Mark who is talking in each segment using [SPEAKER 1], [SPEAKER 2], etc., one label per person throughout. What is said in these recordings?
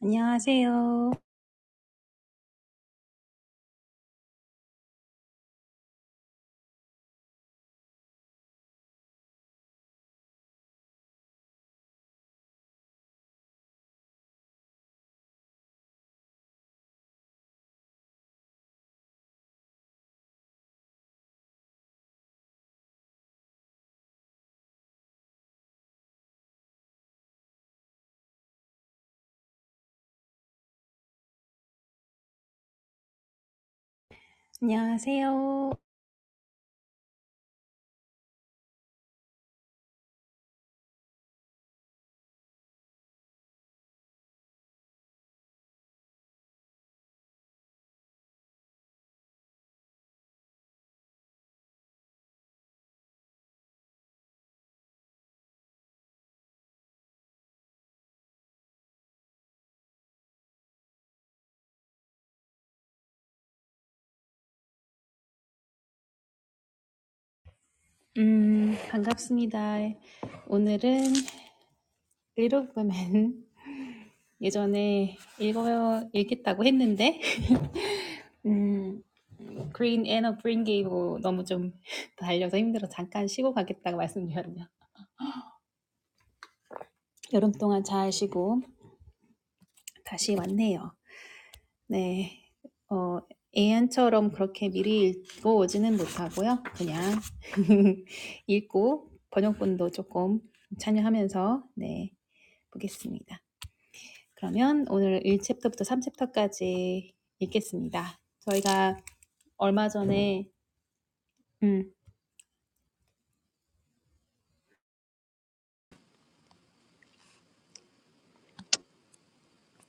[SPEAKER 1] 안녕하세요. 안녕하세요. 음, 반갑습니다. 오늘은 Little Women 예전에 읽어, 읽겠다고 했는데, 음, Green and a Green Gable 너무 좀 달려서 힘들어 잠깐 쉬고 가겠다고 말씀드렸네요. 여름 동안 잘 쉬고 다시 왔네요. 네. 어, 애안처럼 그렇게 미리 읽고 오지는 못하고요. 그냥 읽고 번역본도 조금 참여하면서 네, 보겠습니다. 그러면 오늘 일 챕터부터 삼 챕터까지 읽겠습니다. 저희가 얼마 전에 음,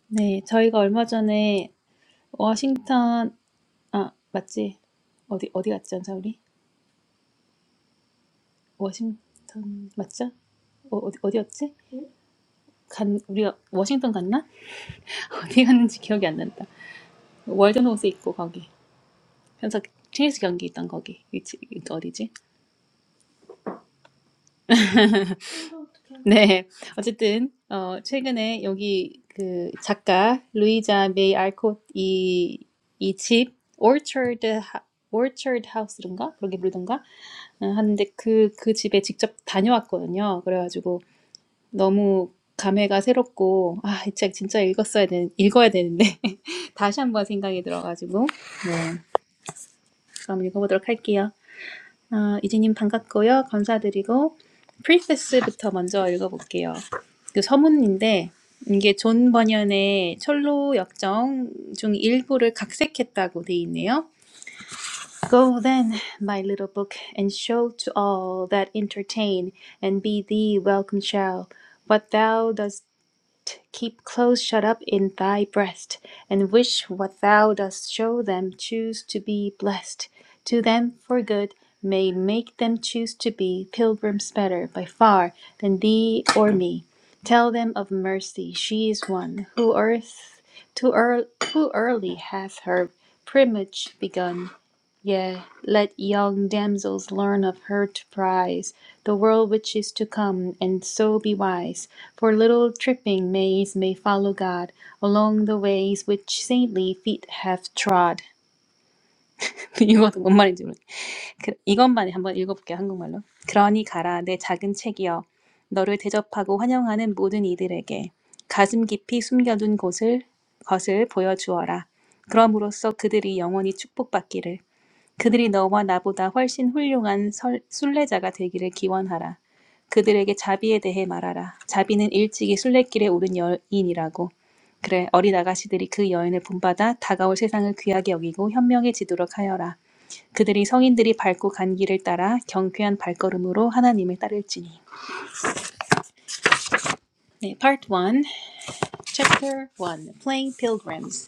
[SPEAKER 1] 네, 저희가 얼마 전에 워싱턴 아, 맞지? 어디 어디 갔지, 않자 우리? 워싱턴 맞죠? 어, 어디 어디였지? 간 우리가 워싱턴 갔나? 어디 갔는지 기억이 안 난다. 월드노스 있고 거기. 현석 체스 경기 있던 거기. 위치 이거 어디지? 네. 어쨌든 어 최근에 여기 그 작가 루이자 메이 알콧 이이집 오처드 하 오처드 하우스인가? 그렇게 부르던가? 어, 하는데 그, 그 집에 직접 다녀왔거든요. 그래가지고 너무 감회가 새롭고, 아, 이 책 진짜 읽었어야 되는, 읽어야 되는데. 다시 한번 생각이 들어가지고, 네. 그럼 읽어보도록 할게요. 어, 이지님 반갑고요. 감사드리고 프리패스부터 먼저 읽어볼게요. 그 서문인데 이게 존 번연의 철로 역정 중 일부를 각색했다고 돼 있네요. Go then, my little book, and show to all that entertain, and be thee welcome shall. What thou dost Keep close shut up in thy breast, and wish what thou dost show them. Choose to be blessed to them for good, may make them choose to be pilgrims better by far than thee or me. Tell them of mercy, she is one who earth to earl, who early hath her primage begun. Yea, let young damsels learn of her to prize The world which is to come, and so be wise. For little tripping maids may follow God Along the ways which saintly feet have trod. 이거 뭔 말인지 모르겠 그, 이것만 한번 읽어볼게요 한국말로. 그러니 가라 내 작은 책이여 너를 대접하고 환영하는 모든 이들에게 가슴 깊이 숨겨둔 곳을 것을 보여주어라. 그럼으로써 그들이 영원히 축복받기를. 그들이 너와 나보다 훨씬 훌륭한 설- 순례자가 되기를 기원하라. 그들에게 자비에 대해 말하라. 자비는 일찍이 순례길에 오른 여인이라고. 그래, 어린 아가씨들이 그 여인을 본받아 다가올 세상을 귀하게 여기고 현명해지도록 하여라. 그들이 성인들이 밟고 간 길을 따라 경쾌한 발걸음으로 하나님을 따를지니. 네, Part 1, Chapter 1, Playing Pilgrims.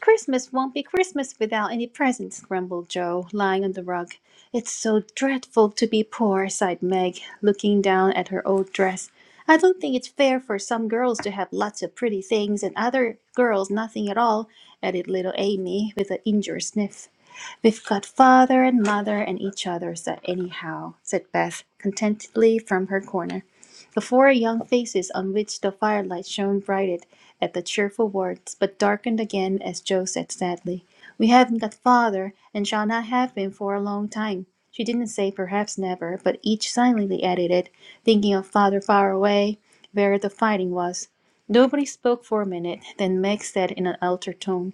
[SPEAKER 1] Christmas won't be Christmas without any presents, grumbled Joe, lying on the rug. It's so dreadful to be poor, sighed Meg, looking down at her old dress. I don't think it's fair for some girls to have lots of pretty things and other girls nothing at all, added little Amy with an injured sniff. We've got father and mother and each other, so anyhow, said Beth, contentedly from her corner. The four young faces on which the firelight shone brightened at the cheerful words, but darkened again as Joe said sadly, We haven't got father, and shall not have him for a long time. She didn't say perhaps never, but each silently added it, thinking of father far away, where the fighting was. Nobody spoke for a minute, then Meg said in an altered tone,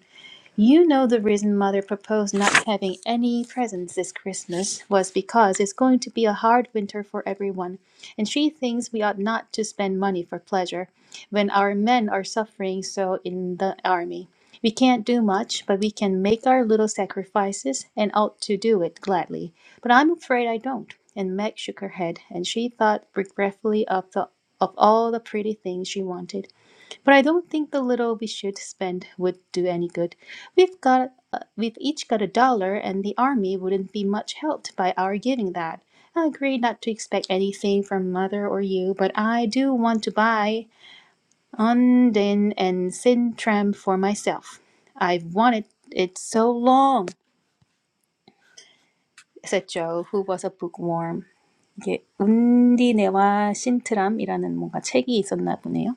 [SPEAKER 1] you know the reason Mother proposed not having any presents this Christmas was because it's going to be a hard winter for everyone, and she thinks we ought not to spend money for pleasure when our men are suffering so in the army. We can't do much, but we can make our little sacrifices and ought to do it gladly. But I'm afraid I don't. And Meg shook her head, and she thought regretfully of the of all the pretty things she wanted. But I don't think the little we should spend would do any good. We've got uh, we've each got a dollar and the army wouldn't be much helped by our giving that. I agree not to expect anything from mother or you, but I do want to buy Onden and Sintram for myself. I've wanted it so long, said Joe, who was a bookworm. 이게 운디네와 신트람이라는 뭔가 책이 있었나 보네요.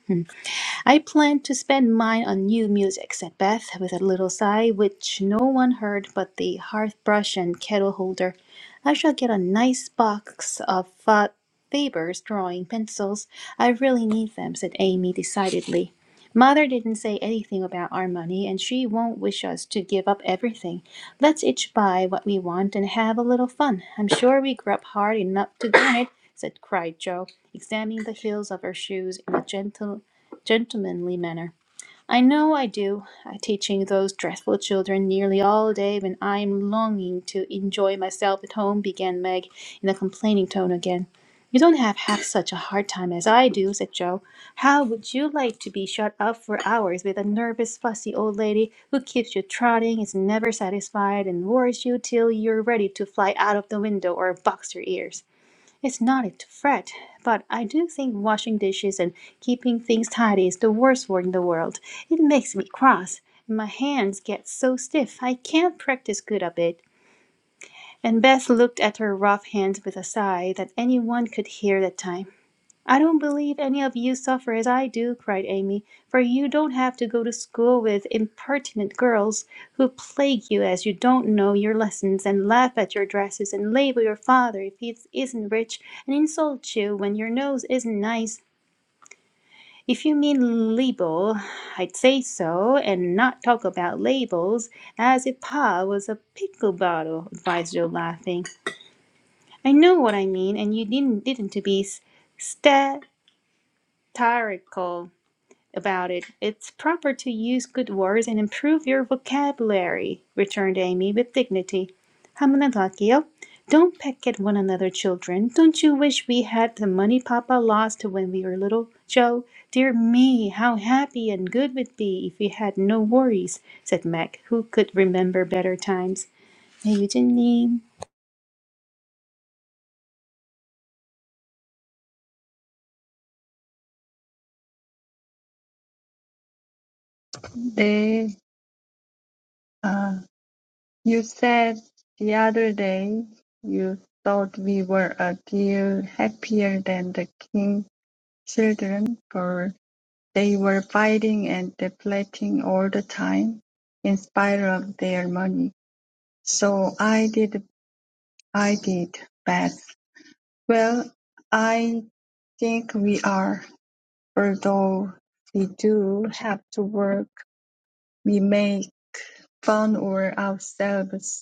[SPEAKER 1] I planned to spend mine on new music, said Beth, with a little sigh, which no one heard but the hearth brush and kettle holder. I shall get a nice box of Fa- Faber's drawing pencils. I really need them, said Amy decidedly. Mother didn't say anything about our money, and she won't wish us to give up everything. Let's each buy what we want and have a little fun. I'm sure we grew up hard enough to do it, said cried Joe, examining the heels of her shoes in a gentle gentlemanly manner. I know I do, I teaching those dreadful children nearly all day when I am longing to enjoy myself at home, began Meg in a complaining tone again. You don't have half such a hard time as I do, said Joe. How would you like to be shut up for hours with a nervous, fussy old lady who keeps you trotting, is never satisfied, and worries you till you're ready to fly out of the window or box your ears? It's not it to fret, but I do think washing dishes and keeping things tidy is the worst work in the world. It makes me cross, and my hands get so stiff I can't practice good a bit." And Beth looked at her rough hands with a sigh that anyone could hear that time. "I don't believe any of you suffer as I do," cried Amy, "for you don't have to go to school with impertinent girls, who plague you as you don't know your lessons, and laugh at your dresses, and label your father if he isn't rich, and insult you when your nose isn't nice. If you mean label, I'd say so, and not talk about labels as if Pa was a pickle bottle," advised Joe, laughing. "I know what I mean, and you didn't didn't to be s- statirical. about it. It's proper to use good words and improve your vocabulary, returned Amy with dignity. 한 번더 할게요. Don't peck at one another, children. Don't you wish we had the money Papa lost when we were little, Joe? Dear me, how happy and good we'd be if we had no worries, said Mac, who could remember better times. 네, 유진님.
[SPEAKER 2] They, uh, you said the other day you thought we were a deal happier than the king children, for they were fighting and depleting all the time, in spite of their money. So I did, I did, Beth. Well, I think we are, although we do have to work, we make fun of ourselves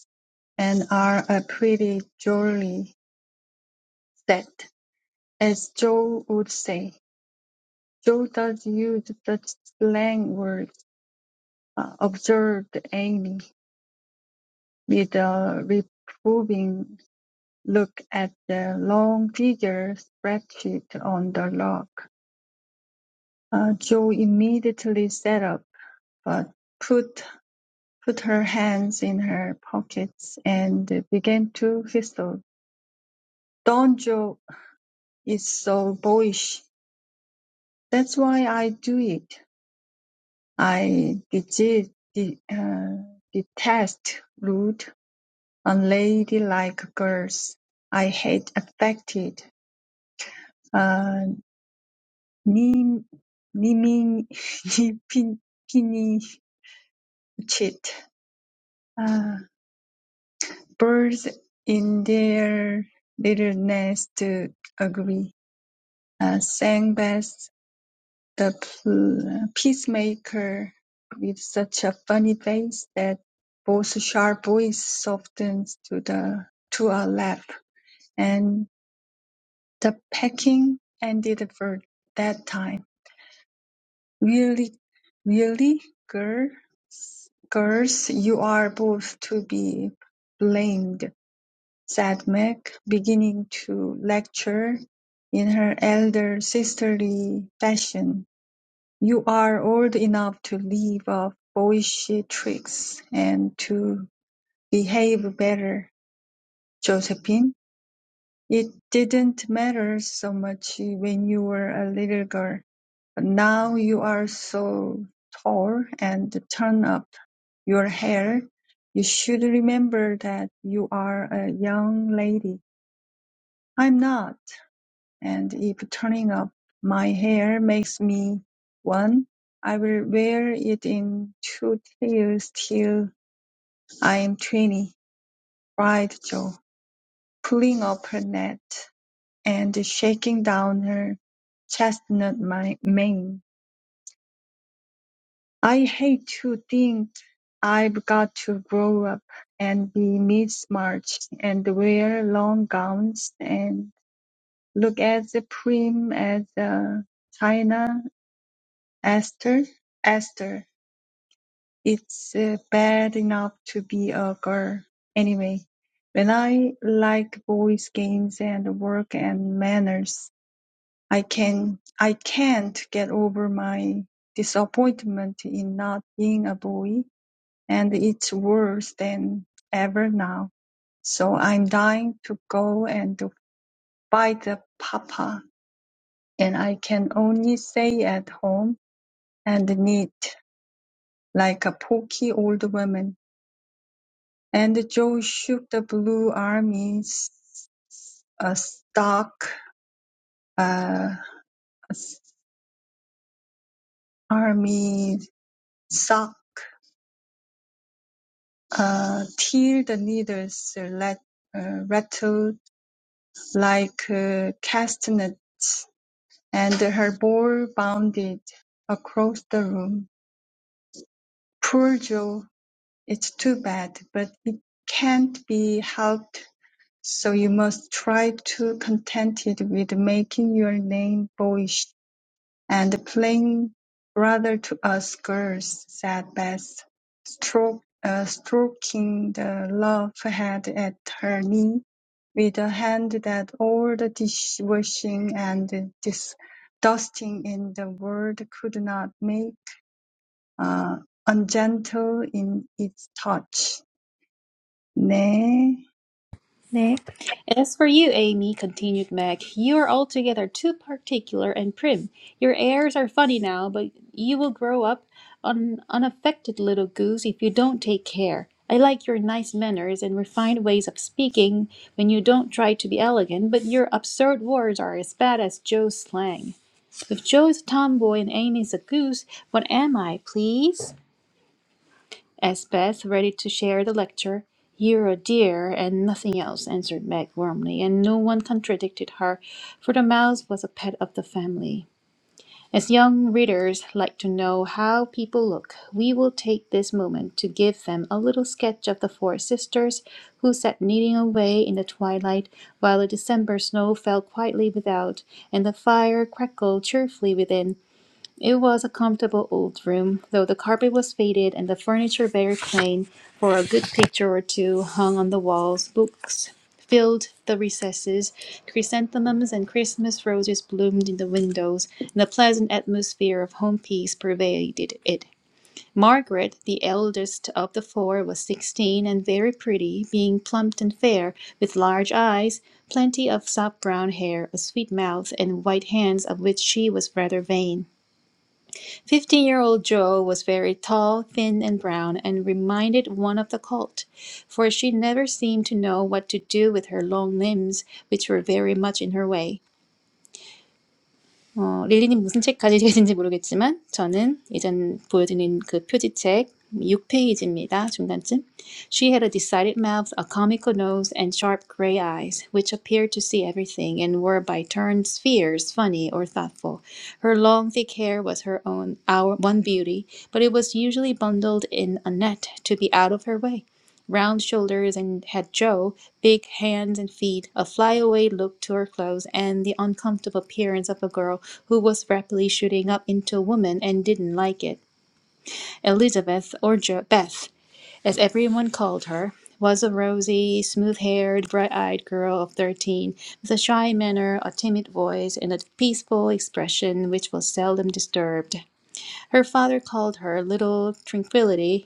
[SPEAKER 2] and are a pretty jolly set, as Joe would say. Joe does use the slang word, uh, observed Amy, with a reproving look at the long figure spreadsheet on the log. Uh, Joe immediately sat up, but put put her hands in her pockets and began to whistle. Don Joe is so boyish That's why I do it. I desi- de- uh, detest rude, unladylike girls. I hate affected, uh, nim- nimin- nipin- pinchit, uh, birds in their little nest agree, uh, sang Beth The p- peacemaker with such a funny face that both sharp voice softens to the to a laugh, and the packing ended for that time. Really, really, girls, girls, you are both to be blamed," said Meg, beginning to lecture in her elder sisterly fashion. You are old enough to leave off boyish tricks and to behave better, Josephine. It didn't matter so much when you were a little girl, but now you are so tall and turn up your hair. You should remember that you are a young lady. I'm not. And if turning up my hair makes me one, I will wear it in two tiers till I'm twenty, cried Jo, pulling up her net and shaking down her chestnut mi- mane. I hate to think I've got to grow up and be Miss March and wear long gowns and look as prim as a china Esther, Esther, it's uh, bad enough to be a girl. Anyway, when I like boys' games and work and manners, I can I can't get over my disappointment in not being a boy, and it's worse than ever now. So I'm dying to go and to fight the papa, and I can only stay at home and knit. like a poky old woman. And Joe shook the blue army s- a stock, uh, army sock, uh, till the needles uh, let, uh, rattled like uh, castanets, and her ball bounded across the room. Poor Joe, it's too bad, but it can't be helped So you must try to contented with making your name boyish and playing brother to us girls, said Beth, stroke, uh, stroking the love head at her knee with a hand that all the dishwashing and dis- dusting in the world could not make uh, ungentle in its touch. 네,
[SPEAKER 1] 네. As for you, Amy, continued Meg, you are altogether too particular and prim. Your airs are funny now, but you will grow up an unaffected little goose if you don't take care. I like your nice manners and refined ways of speaking when you don't try to be elegant, but your absurd words are as bad as Joe's slang. If Joe is a tomboy and Amy's a goose, what am I, please? asked Beth, ready to share the lecture. You're a dear and nothing else, answered Meg warmly, and no one contradicted her, for the mouse was a pet of the family. As young readers like to know how people look, we will take this moment to give them a little sketch of the four sisters who sat knitting away in the twilight while the December snow fell quietly without and the fire crackled cheerfully within it was a comfortable old room, though the carpet was faded and the furniture very plain, for a good picture or two hung on the walls, books filled the recesses, chrysanthemums and Christmas roses bloomed in the windows, and a pleasant atmosphere of home peace pervaded it. Margaret, the eldest of the four, was sixteen and very pretty, being plump and fair, with large eyes, plenty of soft brown hair, a sweet mouth, and white hands of which she was rather vain. Fifteen year old Jo was very tall, thin, and brown, and reminded one of the colt, for she never seemed to know what to do with her long limbs, which were very much in her way. 어, 릴리님 무슨 책 가지고 계신지 모르겠지만 저는 예전 보여드린 그 표지책 6페이지입니다. 중간쯤. She had a decided mouth, a comical nose, and sharp gray eyes, which appeared to see everything and were by turns fierce, funny, or thoughtful. Her long thick hair was her own our one beauty, but it was usually bundled in a net to be out of her way round shoulders and had Joe, big hands and feet, a flyaway look to her clothes, and the uncomfortable appearance of a girl who was rapidly shooting up into a woman and didn't like it. Elizabeth, or jo- Beth, as everyone called her, was a rosy, smooth haired, bright eyed girl of 13, with a shy manner, a timid voice, and a peaceful expression which was seldom disturbed. Her father called her Little Tranquility,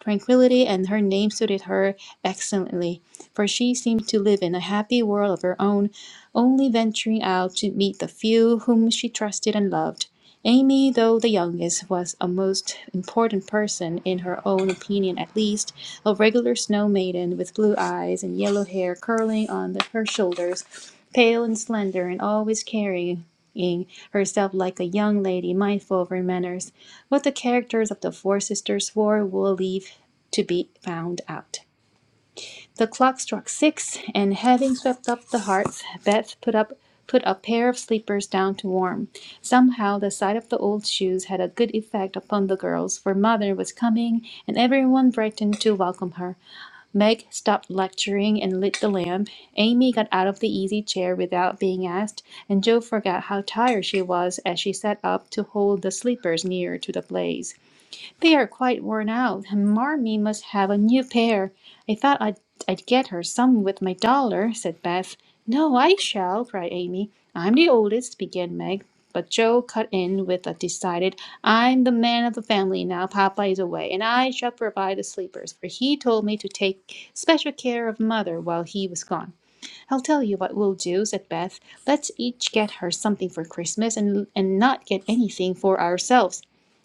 [SPEAKER 1] tranquility, and her name suited her excellently, for she seemed to live in a happy world of her own, only venturing out to meet the few whom she trusted and loved. Amy, though the youngest, was a most important person, in her own opinion at least, a regular snow maiden with blue eyes and yellow hair curling on the, her shoulders, pale and slender, and always carrying herself like a young lady mindful of her manners. What the characters of the four sisters swore will leave to be found out. The clock struck six, and having swept up the hearths, Beth put up put a pair of sleepers down to warm. Somehow the sight of the old shoes had a good effect upon the girls, for mother was coming, and everyone brightened to welcome her. Meg stopped lecturing and lit the lamp. Amy got out of the easy chair without being asked, and Jo forgot how tired she was as she sat up to hold the sleepers near to the blaze. They are quite worn out, and Marmee must have a new pair. I thought I'd, I'd get her some with my dollar," said Beth. "No, I shall," cried Amy. "I'm the oldest," began Meg, but Joe cut in with a decided, "I'm the man of the family now Papa is away, and I shall provide the sleepers, for he told me to take special care of mother while he was gone." I'll tell you what we'll do, said Beth. Let's each get her something for Christmas and, and not get anything for ourselves.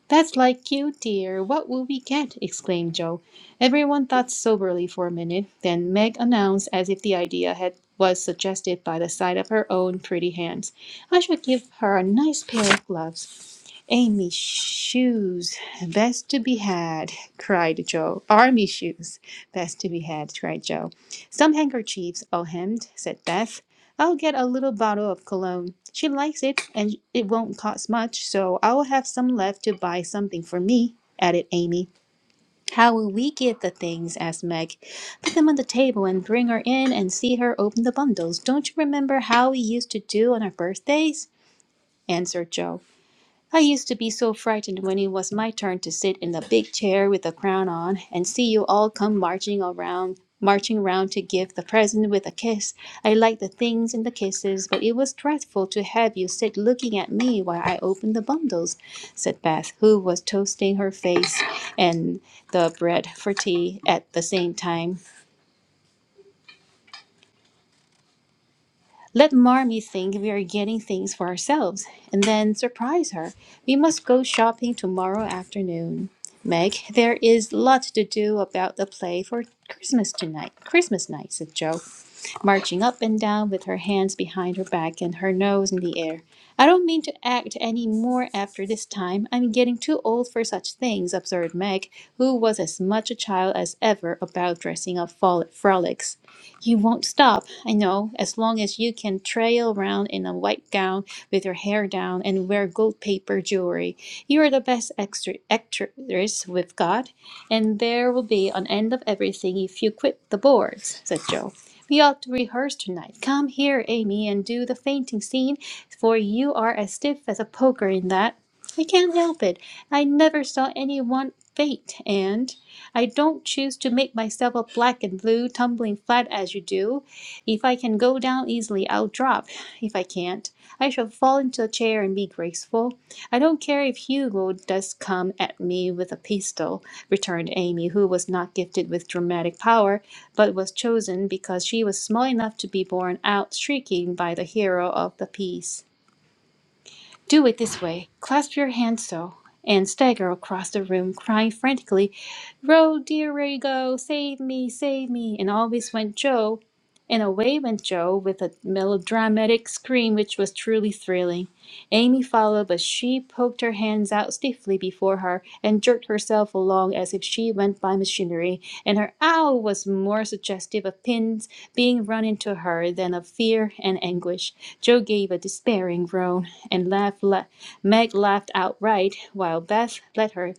[SPEAKER 1] That's like you, dear. What will we get? exclaimed Joe. Everyone thought soberly for a minute, then Meg announced as if the idea had was suggested by the sight of her own pretty hands. I shall give her a nice pair of gloves. Amy shoes, best to be had, cried Joe. Army shoes, best to be had, cried Joe. Some handkerchiefs, all hemmed, said Beth. I'll get a little bottle of cologne. She likes it, and it won't cost much, so I'll have some left to buy something for me, added Amy. How will we get the things? asked Meg. Put them on the table and bring her in and see her open the bundles. Don't you remember how we used to do on our birthdays? answered Joe. I used to be so frightened when it was my turn to sit in the big chair with the crown on and see you all come marching around, marching round to give the present with a kiss. I liked the things and the kisses, but it was dreadful to have you sit looking at me while I opened the bundles, said Beth, who was toasting her face and the bread for tea at the same time. Let Marmee think we are getting things for ourselves and then surprise her. We must go shopping tomorrow afternoon. Meg, there is lot to do about the play for Christmas tonight. Christmas night, said Jo, marching up and down with her hands behind her back and her nose in the air. I don't mean to act any more after this time. I'm getting too old for such things, observed Meg, who was as much a child as ever about dressing up frol- frolics. You won't stop, I know, as long as you can trail around in a white gown with your hair down and wear gold paper jewelry. You are the best extra actress with God, and there will be an end of everything if you quit the boards, said Joe. We ought to rehearse tonight. Come here, Amy, and do the fainting scene, for you are as stiff as a poker in that. I can't help it. I never saw anyone faint, and I don't choose to make myself a black and blue, tumbling flat as you do. If I can go down easily, I'll drop. If I can't, I shall fall into a chair and be graceful. I don't care if Hugo does come at me with a pistol, returned Amy, who was not gifted with dramatic power, but was chosen because she was small enough to be borne out shrieking by the hero of the piece. Do it this way. Clasp your hands so. And stagger across the room, crying frantically, Row, dear Rago, save me, save me. And always went Joe. And away went Joe with a melodramatic scream which was truly thrilling. Amy followed, but she poked her hands out stiffly before her and jerked herself along as if she went by machinery, and her ow was more suggestive of pins being run into her, then of fear and anguish, Joe gave a despairing groan, and laughed la- Meg laughed outright, while Beth let her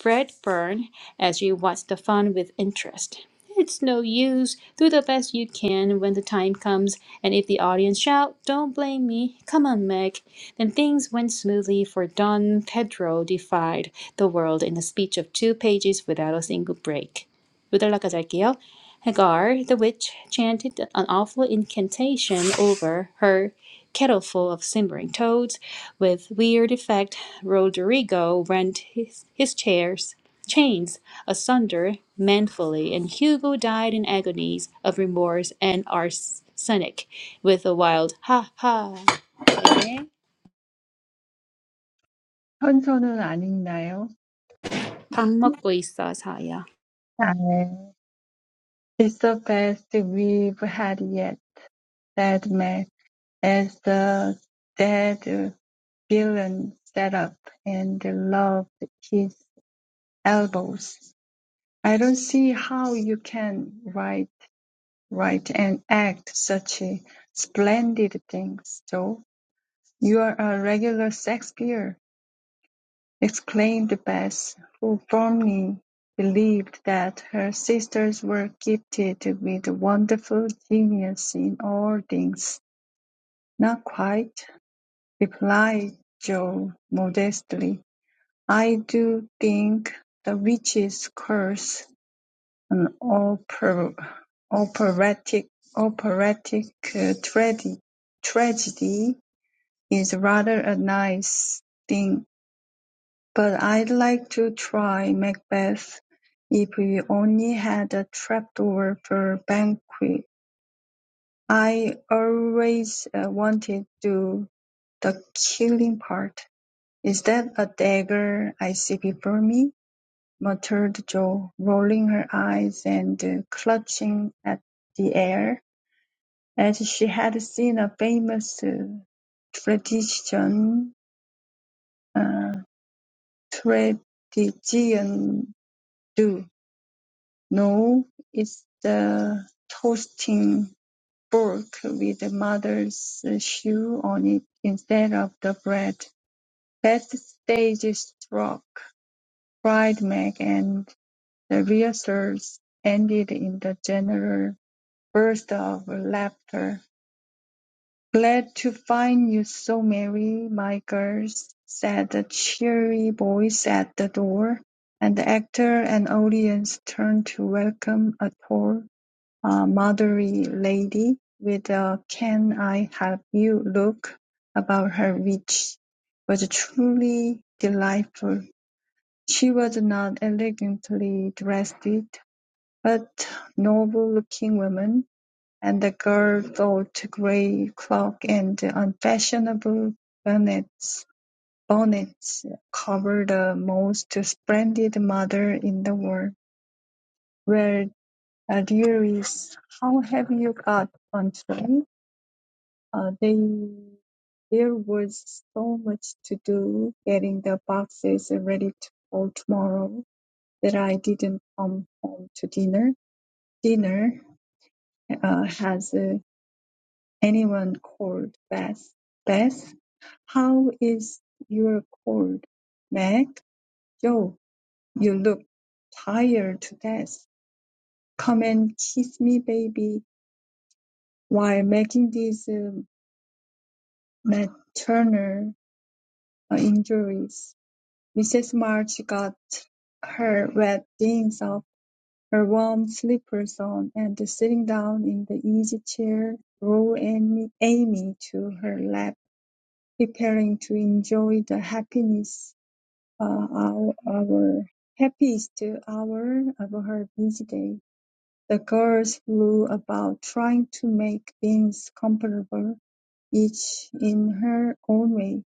[SPEAKER 1] bread burn as she watched the fun with interest. It's no use. Do the best you can when the time comes, and if the audience shout, don't blame me. Come on, Meg. Then things went smoothly, for Don Pedro defied the world in a speech of two pages without a single break. 요달라까지 할게요. Hagar, the witch, chanted an awful incantation over her kettleful of simmering toads. With weird effect, Roderigo rent his, his chairs, chains asunder manfully, and Hugo died in agonies of remorse and arsenic with a wild ha ha. 네,
[SPEAKER 2] 현서는 아닌가요?
[SPEAKER 1] 밥 먹고 있어, 사야.
[SPEAKER 2] 네. It's the best we've had yet, said Mel, as the dead villain sat up and rubbed his elbows. I don't see how you can write, write and act such splendid things, Joe. You are a regular Shakespeare, exclaimed Bess, who firmly believed that her sisters were gifted with wonderful genius in all things. "Not quite," replied Joe modestly, "I do think the witch's curse an oper- operatic operatic uh, tragedy tragedy, is rather a nice thing, but I'd like to try Macbeth if we only had a trapdoor for banquet. I always uh, wanted to do the killing part. “Is that a dagger I see before me?” muttered Jo, rolling her eyes and clutching at the air, as she had seen a famous tradition. uh, Tradition do. “No, it's the toasting fork with mother's shoe on it instead of the bread.” That stage struck!” cried Meg, and The rehearsals ended in a general burst of laughter. "Glad to find you so merry, my girls," said a cheery voice at the door, and the actor and audience turned to welcome a tall, uh, motherly lady with a can-I-help-you look about her which was truly delightful. She was not elegantly dressed, but noble-looking women, and the girl wore grey cloak and unfashionable bonnets, bonnets covered the most splendid mother in the world. Well, Louise, how have you got on today? Uh, they there was so much to do getting the boxes ready to for tomorrow that I didn't come home to dinner. Dinner uh, has uh, Anyone called Beth. Beth, how is your cold? Meg, Joe, you look tired to death. Come and kiss me, baby, while making these uh, maternal uh, injuries. Mrs. March got her wet things off, her warm slippers on, and sitting down in the easy chair, drew Amy, Amy to her lap. preparing to enjoy the happiness uh, our, our happiest hour of her busy day. The girls flew about trying to make things comfortable, each in her own way.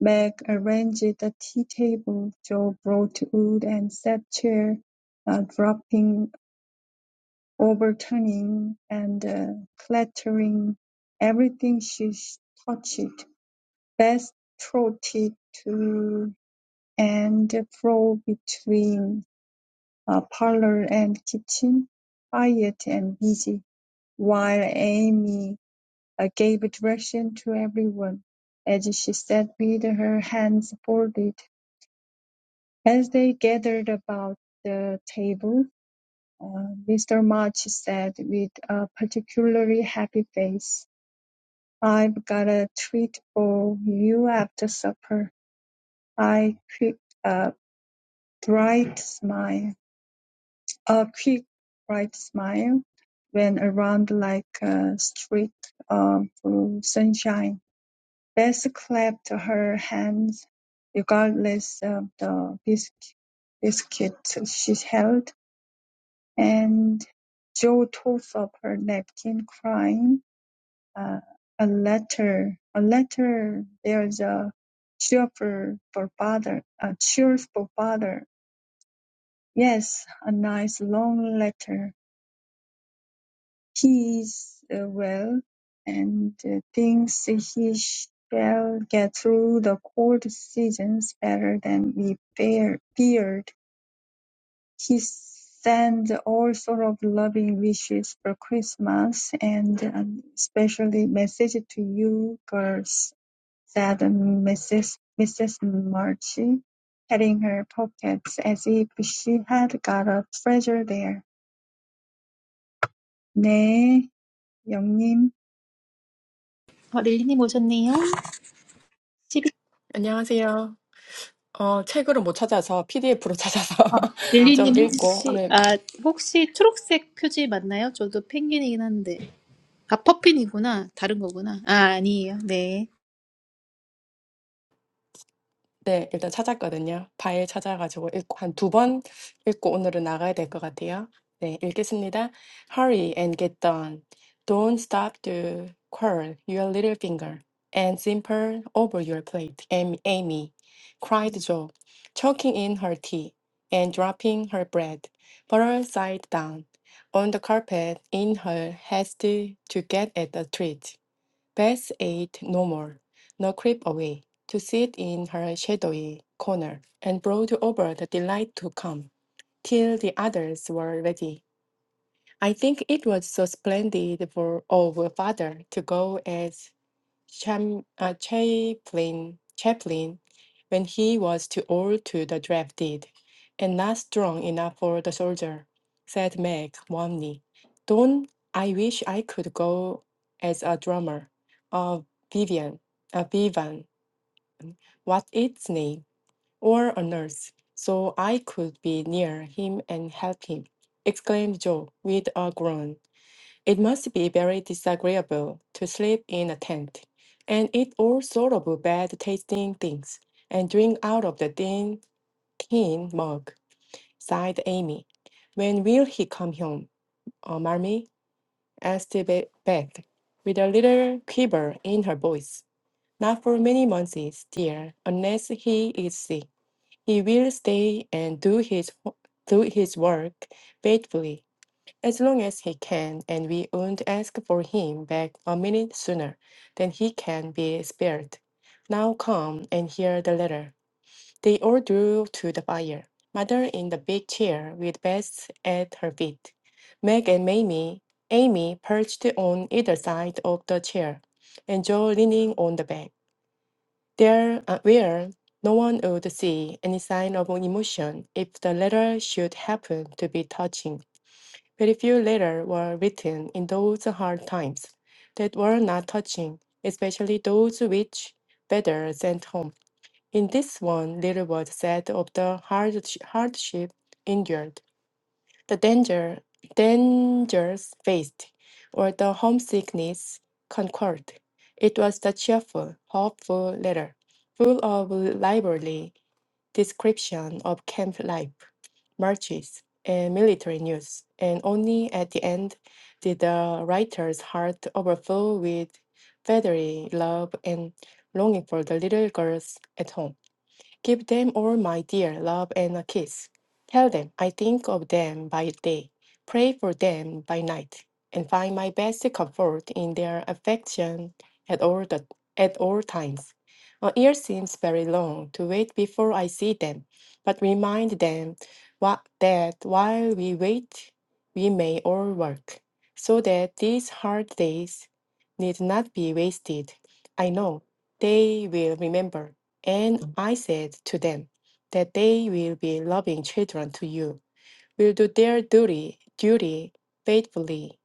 [SPEAKER 2] Meg arranged the tea table, Jo brought wood and set chair, uh, dropping, overturning, and uh, clattering everything she touched. Beth trotted to and flow between uh, parlor and kitchen, quiet and busy, while Amy uh, gave direction to everyone as she sat with her hands folded. As they gathered about the table, uh, Mr. March said with a particularly happy face, I've got a treat for you after supper. I quick a bright smile. A quick, bright smile went around like a streak of sunshine. Beth clapped her hands regardless of the bisc- biscuit she held, and Jo tossed up her napkin, crying, uh, "A letter! A letter! There's a cheerful for father! A cheerful father! Yes, a nice long letter! He is uh, well and uh, thinks he shall get through the cold seasons better than we fear- feared. He sends all sort of loving wishes for Christmas and um, especially message to you girls, said Mrs. Mrs. Marchie, patting her pockets as if she had got a treasure there. 네, 영님.
[SPEAKER 1] 어, 릴리님 오셨네요.
[SPEAKER 3] 안녕하세요. 어, 책으로 못 찾아서 PDF로 찾아서
[SPEAKER 1] 아,
[SPEAKER 3] 좀
[SPEAKER 1] 릴리님
[SPEAKER 3] 읽고
[SPEAKER 1] 혹시
[SPEAKER 3] 오늘
[SPEAKER 1] 아 혹시 초록색 표지 맞나요? 저도 펭귄이긴 한데 아 퍼핀이구나 다른 거구나 아 아니에요 네.
[SPEAKER 3] 네, 일단 찾았거든요. 파일 찾아가지고 읽고 한 두 번 읽고 오늘은 나가야 될 것 같아요. 네, 읽겠습니다. Hurry and get done. Don't stop to curl your little finger and simper over your plate. Am- Amy cried Joe, choking in her tea and dropping her bread, butter side down on the carpet in her haste to get at the treat. Beth ate no more, nor crept away to sit in her shadowy corner, and brooded over the delight to come, till the others were ready. I think it was so splendid for our father to go as Cham, uh, Chaplin, Chaplin when he was too old to the draft deed, and not strong enough for the soldier, said Meg warmly. Don't I wish I could go as a drummer, a Vivian, a Vivan, what its name, or a nurse, so I could be near him and help him, exclaimed Joe with a groan. It must be very disagreeable to sleep in a tent and eat all sort of bad tasting things and drink out of the thin, tin mug, sighed Amy. When will he come home, uh, Marmee? asked Be- Beth, with a little quiver in her voice. Not for many months, dear, unless he is sick. He will stay and do his do his work faithfully as long as he can, and we won't ask for him back a minute sooner than he can be spared. Now come and hear the letter. They all drew to the fire, mother in the big chair with Bess at her feet, Meg and Mamie, Amy perched on either side of the chair, and Joe leaning on the back. There, uh, where no one would see any sign of emotion if the letter should happen to be touching. Very few letters were written in those hard times that were not touching, especially those which Vedder sent home. In this one, little was said of the hardsh- hardship endured, the danger, dangers faced, or the homesickness conquered. It was the cheerful, hopeful letter, full of lively description of camp life marches, and military news, and only at the end did the writer's heart overflow with fatherly love and longing for the little girls at home. Give them all my dear love and a kiss. Tell them I think of them by day, pray for them by night, and find my best comfort in their affection at all the, at all times. A year seems very long to wait before I see them, but remind them what, that while we wait, we may all work, so that these hard days need not be wasted. I know they will remember and I said to them that they will be loving children to you, will do their duty, duty faithfully,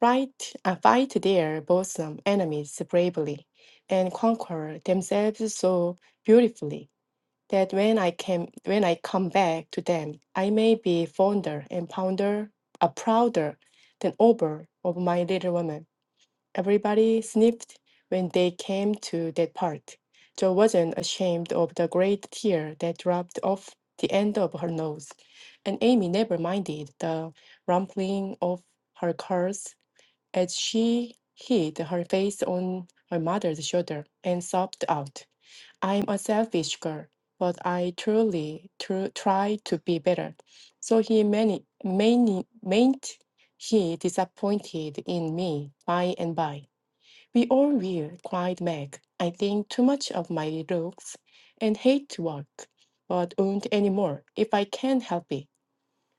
[SPEAKER 3] fight, uh, fight their bosom enemies bravely, and conquer themselves so beautifully that when I came, when I come back to them, I may be fonder and prouder, uh, prouder than ever of my little woman. Everybody sniffed when they came to that part. Jo wasn't ashamed of the great tear that dropped off the end of her nose, and Amy never minded the rumpling of her curls as she hid her face on her mother's shoulder and sobbed out, I'm a selfish girl, but I truly tr- try to be better. So he mani- mani- mayn't he disappointed in me by and by. We all will, cried Meg. I think too much of my looks and hate work, but won't anymore if I can help it.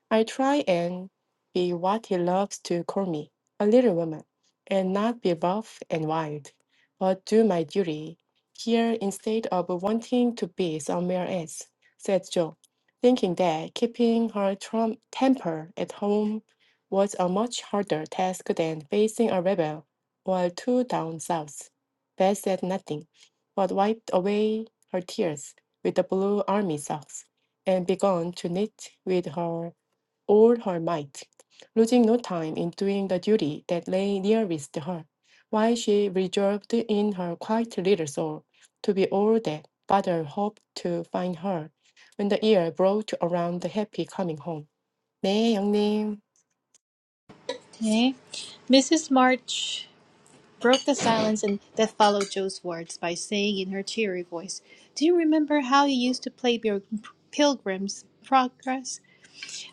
[SPEAKER 3] I try and be what he loves to call me, a little woman, and not be buff and wild, but do my duty here instead of wanting to be somewhere else, said Jo, thinking that keeping her trump temper at home was a much harder task than facing a rebel or two down south. Beth said nothing, but wiped away her tears with the blue army socks and began to knit with her all her might, losing no time in doing the duty that lay nearest her, while she resolved in her quiet little soul to be all that father hoped to find her when the year brought around the happy coming home. 네, 영님.
[SPEAKER 1] 네. Mrs. March broke the silence and that followed Joe's words by saying in her cheery voice, "Do you remember how you used to play your Pilgrim's Progress?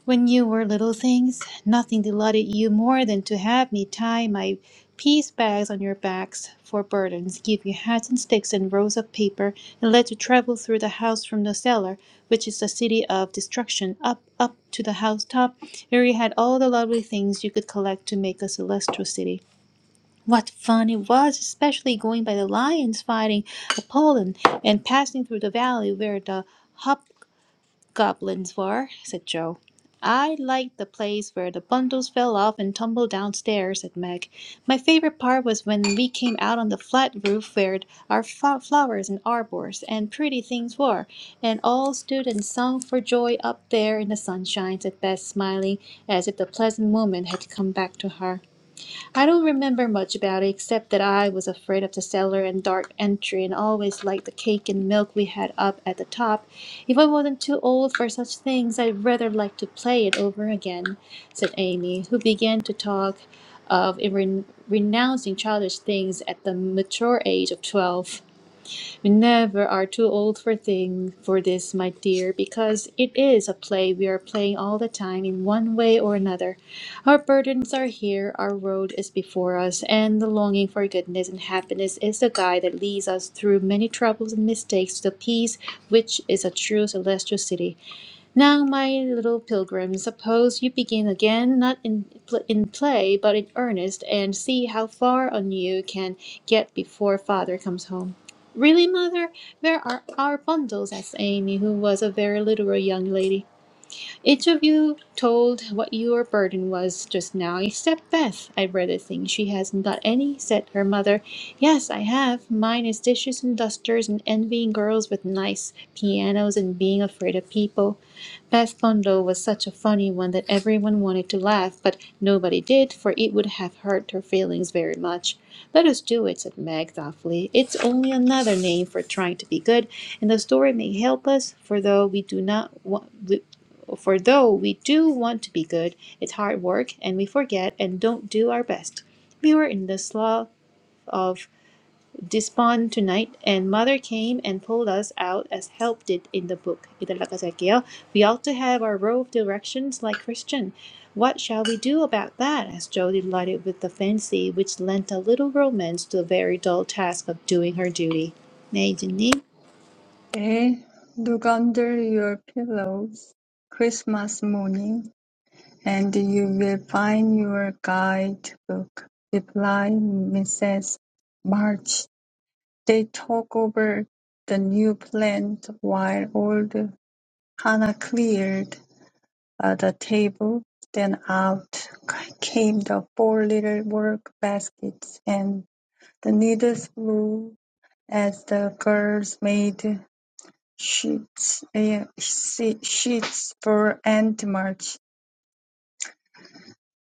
[SPEAKER 1] When you were little things, nothing delighted you more than to have me tie my peace bags on your backs for burdens, give you hats and sticks and rolls of paper, and let you travel through the house from the cellar, which is the city of destruction, up, up to the housetop, where you had all the lovely things you could collect to make a celestial city. What fun it was, especially going by the lions fighting Apollon and passing through the valley where the goblins were," said Joe. "I liked the place where the bundles fell off and tumbled downstairs," said Meg. "My favourite part was when we came out on the flat roof where our flo- flowers and arbours and pretty things were, and all stood and sung for joy up there in the sunshine," said Bess, smiling, as if the pleasant moment had come back to her. I don't remember much about it except that I was afraid of the cellar and dark entry and always liked the cake and milk we had up at the top. If I wasn't too old for such things, I'd rather like to play it over again, said Amy, who began to talk of re- renouncing childish things at the mature age of twelve. We never are too old for thing for this, my dear, because it is a play we are playing all the time in one way or another. Our burdens are here, our road is before us, and the longing for goodness and happiness is the guide that leads us through many troubles and mistakes to the peace which is a true celestial city. Now, my little pilgrim, suppose you begin again, not in, pl- in play, but in earnest, and see how far on you can get before father comes home. Really, mother, where are our bundles? asked Amy, who was a very literal young lady. Each of you told what your burden was just now, except Beth. I read a thing. She hasn't got any, said her mother. Yes, I have. Mine is dishes and dusters and envying girls with nice pianos and being afraid of people. Beth Fondo was such a funny one that everyone wanted to laugh, but nobody did, for it would have hurt her feelings very much. Let us do it, said Meg thoughtfully. It's only another name for trying to be good, and the story may help us, for though we do not want. we, for though we do want to be good, it's hard work and we forget and don't do our best. We were in the slough of despond tonight and mother came and pulled us out as help did in the book. 이달라까지 We ought to have our row of directions like Christian. What shall we do about that? asked Jo, delighted with the fancy which lent a little romance to the very dull task of doing her duty. 네, 이진님.
[SPEAKER 2] They look under your pillows Christmas morning, and you will find your guidebook, replied Mrs. March. They talked over the new plan while old Hannah cleared uh, the table. Then out came the four little work baskets, and the needles flew as the girls made sheets eh, she- sheets for Aunt March.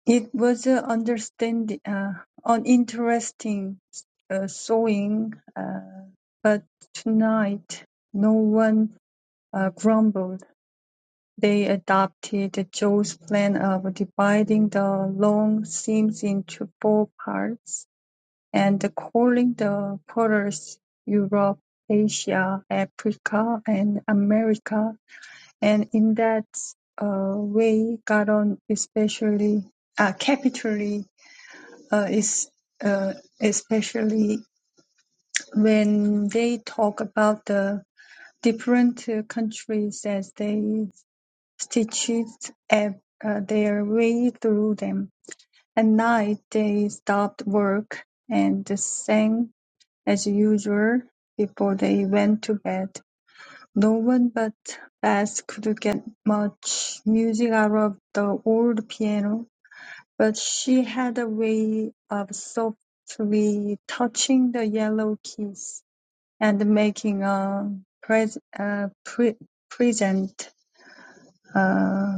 [SPEAKER 2] It was uh, understand uh, an interesting uh, sewing, uh, but tonight no one uh, grumbled. They adopted Joe's plan of dividing the long seams into four parts and calling the quarters Europe, Asia, Africa, and America and in that uh, way, Garon especially uh, capitally uh, is uh, especially when they talk about the different uh, countries as they stitched uh, uh, their way through them. At night, they stopped work and sang as usual before they went to bed. No one but Beth could get much music out of the old piano, but she had a way of softly touching the yellow keys and making a pres- uh, pre- present uh,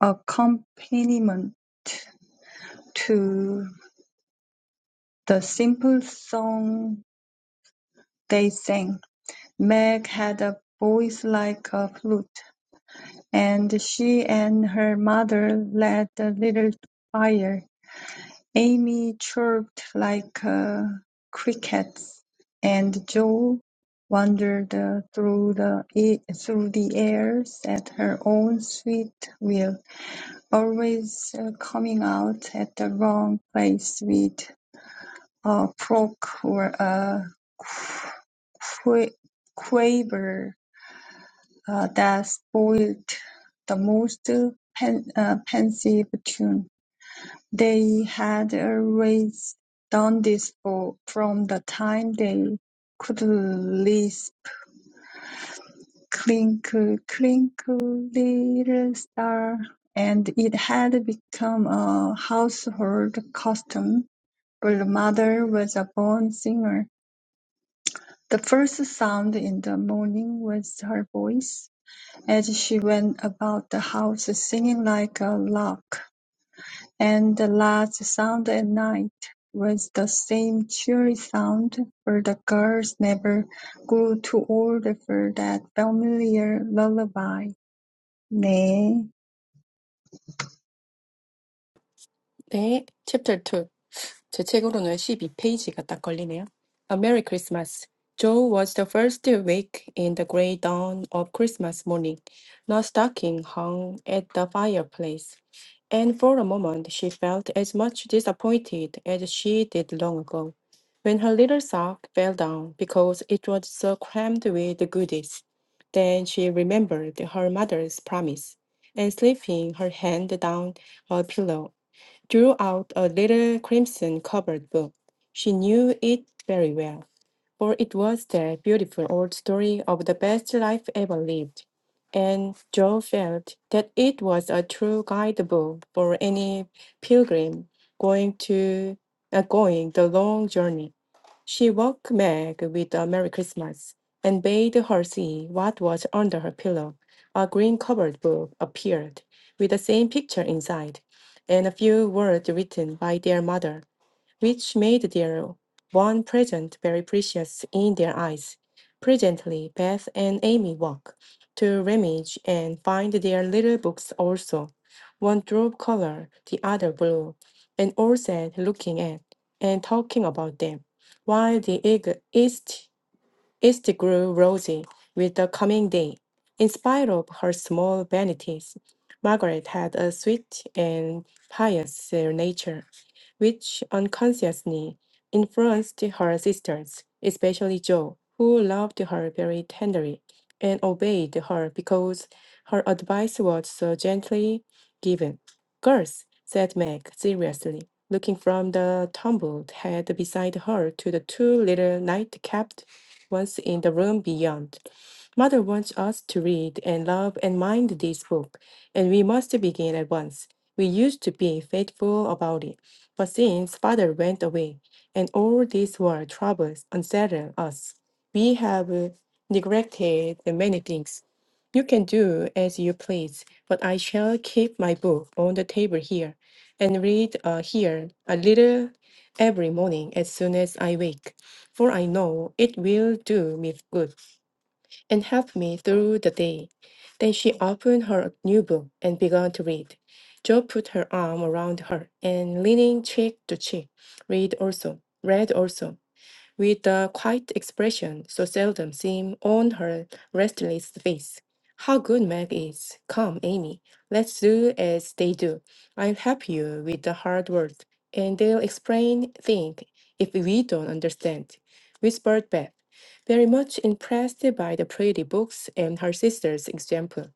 [SPEAKER 2] accompaniment to the simple song they sang. Meg had a voice like a flute, and she and her mother lit a little fire. Amy chirped like uh, crickets, and Joe wandered uh, through the e- through the airs at her own sweet will, always uh, coming out at the wrong place with a croak or a qua- quaver uh, that spoiled the most pen, uh, pensive tune. They had always done this for, from the time they could least clink, clink, little star, and it had become a household custom. But the mother was a born singer. The first sound in the morning was her voice as she went about the house singing like a lark, and the last sound at night was the same cheery sound, for the girls never grew too old for that familiar lullaby. 네,
[SPEAKER 3] 네, 챕터 2. 제 책으로는 십이 페이지가 딱 걸리네요. A Merry Christmas. Joe was the first to wake in the gray dawn of Christmas morning. No stocking hung at the fireplace, and for a moment she felt as much disappointed as she did long ago, when her little sock fell down because it was so crammed with goodies. Then she remembered her mother's promise, and slipping her hand down her pillow drew out a little crimson covered book. She knew it very well, for it was the beautiful old story of the best life ever lived. And Joe felt that it was a true guidebook for any pilgrim going to uh, going the long journey. She woke Meg with a Merry Christmas and bade her see what was under her pillow. A green covered book appeared with the same picture inside and a few words written by their mother which made their one present very precious in their eyes. Presently, Beth and Amy walk to Remage and find their little books also. One drove color, the other blue, and all sat looking at and talking about them, while the eag- east East grew rosy with the coming day. In spite of her small vanities, Margaret had a sweet and pious uh, nature, which unconsciously influenced her sisters, especially Jo, who loved her very tenderly and obeyed her because her advice was so gently given. Girls, said Meg seriously, looking from the tumbled head beside her to the two little nightcapped was in the room beyond. Mother wants us to read and love and mind this book, and we must begin at once. We used to be faithful about it, but since father went away, and all these world troubles unsettle us, we have uh, neglected many things. You can do as you please, but I shall keep my book on the table here and read uh, here a little every morning as soon as I wake for I know it will do me good and help me through the day. Then she opened her new book and began to read. Job put her arm around her and leaning cheek to cheek, read also, read also with a quiet expression so seldom seen on her restless face. How good Meg is. Come, Amy, let's do as they do. I'll help you with the hard word, and they'll explain things if we don't understand, whispered Beth, very much impressed by the pretty books and her sister's example.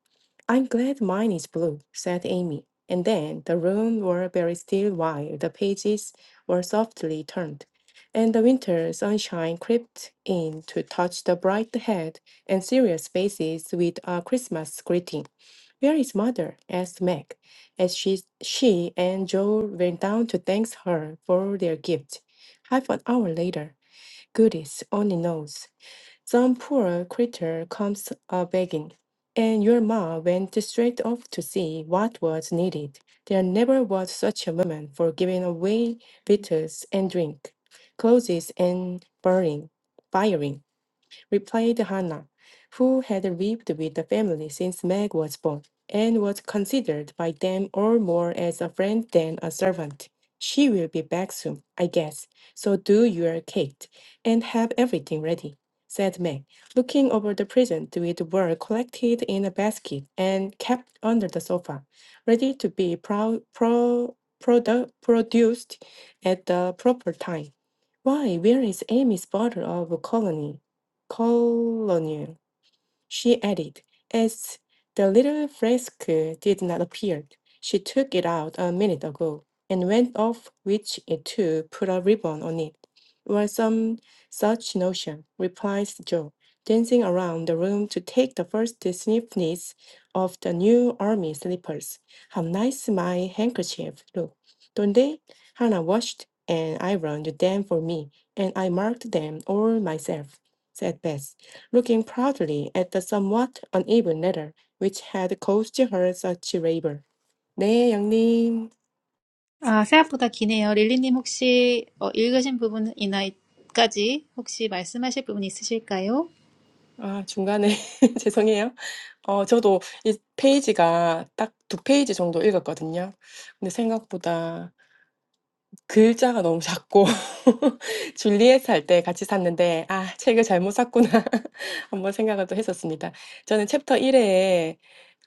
[SPEAKER 3] I'm glad mine is blue, said Amy. And then the room were very still while the pages were softly turned and the winter sunshine crept in to touch the bright head and serious faces with a Christmas greeting. Where is mother? asked Meg, as she, she and Joel went down to thank her for their gift. Half an hour later, goodness only knows. Some poor creature comes a begging, and your ma went straight off to see what was needed. There never was such a woman for giving away victuals and drink, clothes and burning, firing replied Hannah, who had lived with the family since Meg was born, and was considered by them all more as a friend than a servant. She will be back soon, I guess, so do your cake and have everything ready, said Meg, looking over the presents which were collected in a basket and kept under the sofa, ready to be pro- pro- produ- produced at the proper time. Why, where is Amy's bottle of colony? Colonel," she added, as the little flask did not appear. She took it out a minute ago and went off with it to put a ribbon on it, or some such notion, replies Joe, dancing around the room to take the first sniffness of the new army slippers. How nice my handkerchief look, don't they? Hannah washed and ironed them for me, and I marked them all myself, said Beth looking proudly at the somewhat uneven ladder which had caused her such labor. 네, 양님.
[SPEAKER 1] 아, 생각보다 기네요. 릴리님 혹시 어, 읽으신 부분이나까지 혹시 말씀하실 부분 있으실까요?
[SPEAKER 3] 아, 중간에 죄송해요. 어, 저도 이 페이지가 딱 두 페이지 정도 읽었거든요. 근데 생각보다 글자가 너무 작고 줄리엣 살 때 같이 샀는데 아, 책을 잘못 샀구나. 한번 생각을 또 했었습니다. 저는 챕터 일에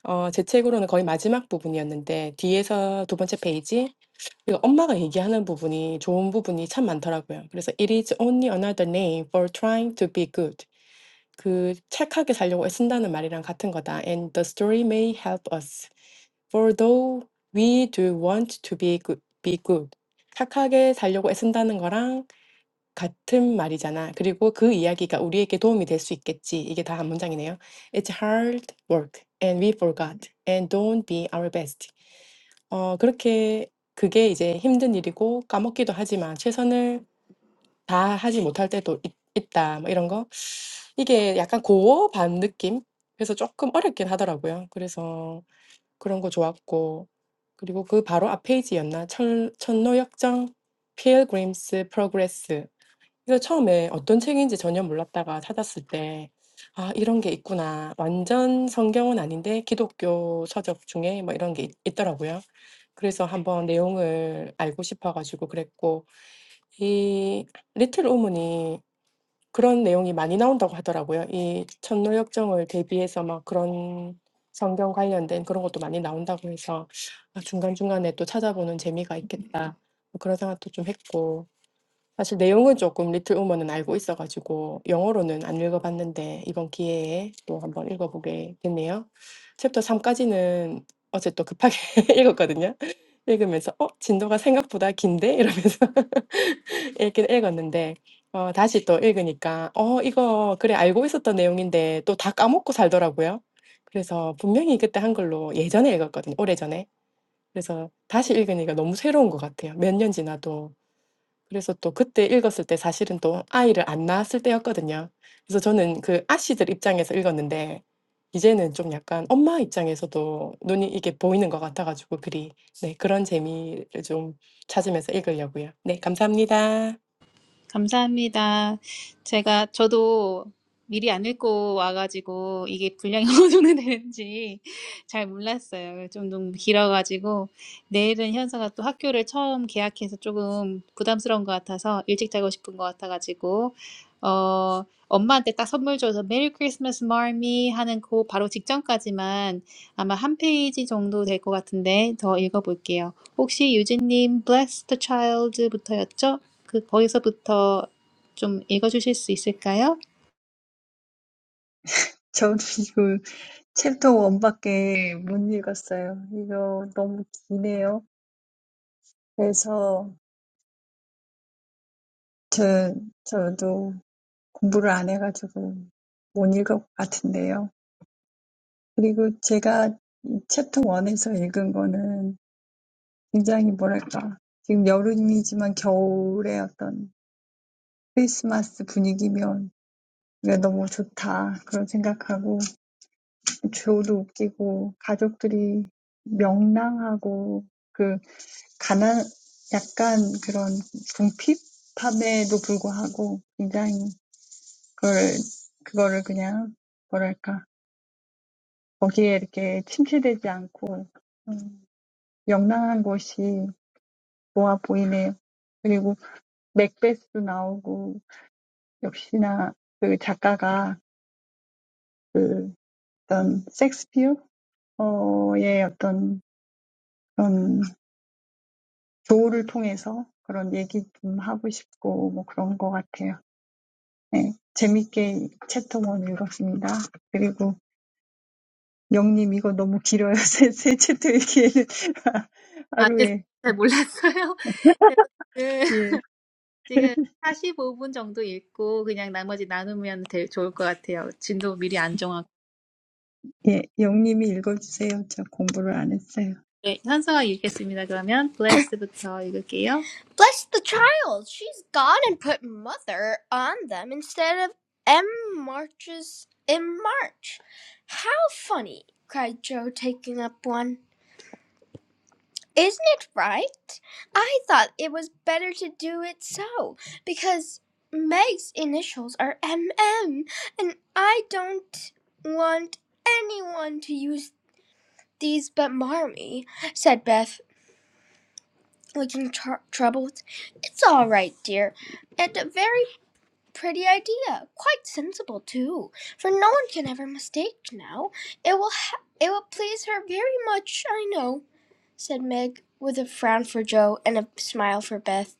[SPEAKER 3] 어, 제 책으로는 거의 마지막 부분이었는데 뒤에서 두 번째 페이지 그 엄마가 얘기하는 부분이 좋은 부분이 참 많더라고요. 그래서 "It is only another name for trying to be good." 그 착하게 살려고 애쓴다는 말이랑 같은 거다. "And the story may help us. For though we do want to be good, be good." 착하게 살려고 애쓴다는 거랑 같은 말이잖아. 그리고 그 이야기가 우리에게 도움이 될 수 있겠지. 이게 다 한 문장이네요. "It's hard work and we forgot and don't be our best." 어 그렇게 그게 이제 힘든 일이고 까먹기도 하지만 최선을 다하지 못할 때도 있, 있다. 뭐 이런 거. 이게 약간 고어 반 느낌? 그래서 조금 어렵긴 하더라고요. 그래서 그런 거 좋았고. 그리고 그 바로 앞 페이지였나? 철, 천노역정, Pilgrim's Progress. 그래서 처음에 어떤 책인지 전혀 몰랐다가 찾았을 때 '아 이런 게 있구나.' 완전 성경은 아닌데 기독교 서적 중에 뭐 이런 게있 있더라고요. 그래서 한번 내용을 알고 싶어가지고 그랬고 이 리틀 우먼이 그런 내용이 많이 나온다고 하더라고요. 이 천노 대비해서 막 그런 성경 관련된 그런 것도 많이 나온다고 해서 '아 중간중간에 또 찾아보는 재미가 있겠다.' 그런 생각도 좀 했고 사실 내용은 조금 리틀 우먼은 알고 있어가지고 영어로는 안 읽어봤는데 이번 기회에 또 한번 읽어보게 됐네요. 챕터 3 어제 또 급하게 읽었거든요. 읽으면서 '어 진도가 생각보다 긴데?' 이러면서 읽긴 읽었는데 어 다시 또 읽으니까 '어 이거 그래 알고 있었던 내용인데 또 다 까먹고 살더라고요.' 그래서 분명히 그때 한글로 예전에 읽었거든요 오래전에. 그래서 다시 읽으니까 너무 새로운 것 같아요 몇 년 지나도. 그래서 또 그때 읽었을 때 사실은 또 아이를 안 낳았을 때였거든요. 그래서 저는 그 아씨들 입장에서 읽었는데 이제는 좀 약간 엄마 입장에서도 눈이 이게 보이는 것 같아 가지고 글이 네 그런 재미를 좀 찾으면서 읽으려고요. 네 감사합니다.
[SPEAKER 1] 감사합니다. 제가 저도 미리 안 읽고 와가지고 이게 분량이 어느 정도 되는지 잘 몰랐어요. 좀 너무 길어가지고 내일은 현서가 또 학교를 처음 개학해서 조금 부담스러운 것 같아서 일찍 자고 싶은 것 같아가지고 어 엄마한테 딱 선물 줘서 메리 크리스마스 마미 하는 그 바로 직전까지만 아마 한 페이지 정도 될 것 같은데 더 읽어볼게요. 혹시 유진님 bless the child부터였죠? 그 거기서부터 좀 읽어주실 수 있을까요?
[SPEAKER 2] 저도 이거 챕터 1밖에 못 읽었어요. 이거 너무 기네요. 그래서 저, 저도 공부를 안 해가지고 못 읽을 것 같은데요. 그리고 제가 이 챕터 1에서 읽은 거는 굉장히 뭐랄까, 지금 여름이지만 겨울의 어떤 크리스마스 분위기면 이게 너무 좋다. 그런 생각하고, 조도 웃기고, 가족들이 명랑하고, 그, 가난, 약간 그런 궁핍함에도 불구하고, 굉장히 그걸, 그거를 그냥, 뭐랄까, 거기에 이렇게 침체되지 않고, 음, 명랑한 곳이 좋아 보이네요. 그리고 맥베스 나오고 역시나 그 작가가 그 어떤 섹스피어의 어떤 그런 조를 통해서 그런 얘기 좀 하고 싶고 뭐 그런 것 같아요. 네. 재밌게 챕터 1 읽었습니다. 그리고 영님 이거 너무 길어요. 세, 세 챕터 읽기에는
[SPEAKER 1] 아, 죄송해요.
[SPEAKER 2] 하루에.
[SPEAKER 1] 잘 몰랐어요. 제가 그,
[SPEAKER 2] 예.
[SPEAKER 1] 지금 45분 정도 읽고 그냥 나머지 나누면 될, 좋을 것 같아요. 진도 미리 안 정하고.
[SPEAKER 2] 예, 영님이 읽어주세요. 저 공부를 안 했어요.
[SPEAKER 1] 네, 현서가 읽겠습니다. 그러면 블레스부터 읽을게요. Bless the child! She's gone and put mother on them instead of M marches in March. How funny! cried Joe, taking up one. Isn't it right? I thought it was better to do it so because Meg's initials are M M, and I don't want anyone to use these but Marmee, said Beth, looking tr- troubled. It's all right, dear. At the very Pretty idea. Quite sensible too, for no one can ever mistake now. It will ha- it will please her very much, I know," said Meg, with a frown for Joe and a smile for Beth.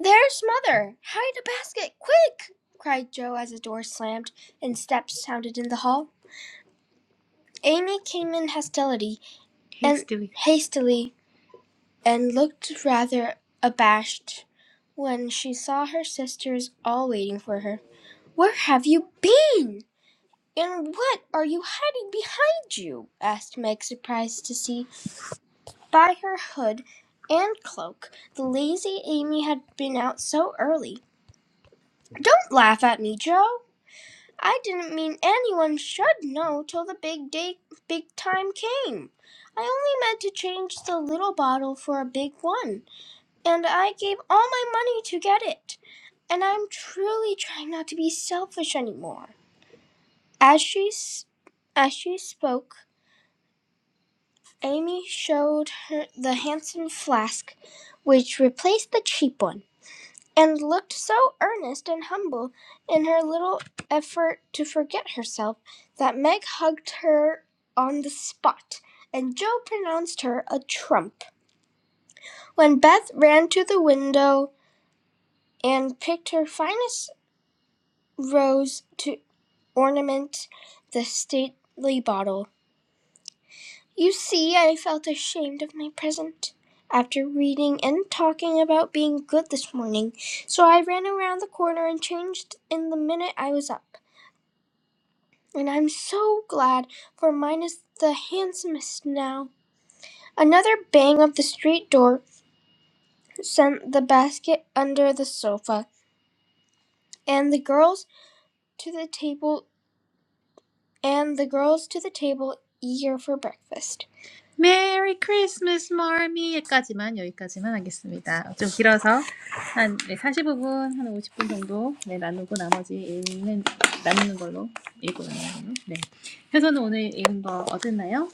[SPEAKER 1] "There's mother! Hide a basket, quick!" cried Joe as the door slammed and steps sounded in the hall. Amy came in hostility and Hastily. hastily and looked rather abashed when she saw her sisters all waiting for her. "Where have you been?" "And what are you hiding behind you?" asked Meg, surprised to see, by her hood and cloak, that lazy Amy had been out so early. "Don't laugh at me, Joe. I didn't mean anyone should know till the big day, big time came. I only meant to change the little bottle for a big one, and I gave all my money to get it. And I'm truly trying not to be selfish any more." As she as she spoke, Amy showed her the handsome flask which replaced the cheap one, and looked so earnest and humble in her little effort to forget herself that Meg hugged her on the spot, and Joe pronounced her a trump. When Beth ran to the window and picked her finest rose to ornament the stately bottle, You see, I felt ashamed of my present after reading and talking about being good this morning, so I ran around the corner and changed in the minute I was up. And I'm so glad, for mine is the handsomest now. Another bang of the street door sent the basket under the sofa, and the girls to the table and the girls to the table eager for breakfast. Merry Christmas, 마미 여기까지만 여기까지만 하겠습니다. 좀 길어서 한네 사십오 분한 오십 분 정도 네, 나누고 나머지 읽는 나누는 걸로 읽고 나누는 걸로. 네. 혜선은 오늘 읽은 거 어땠나요?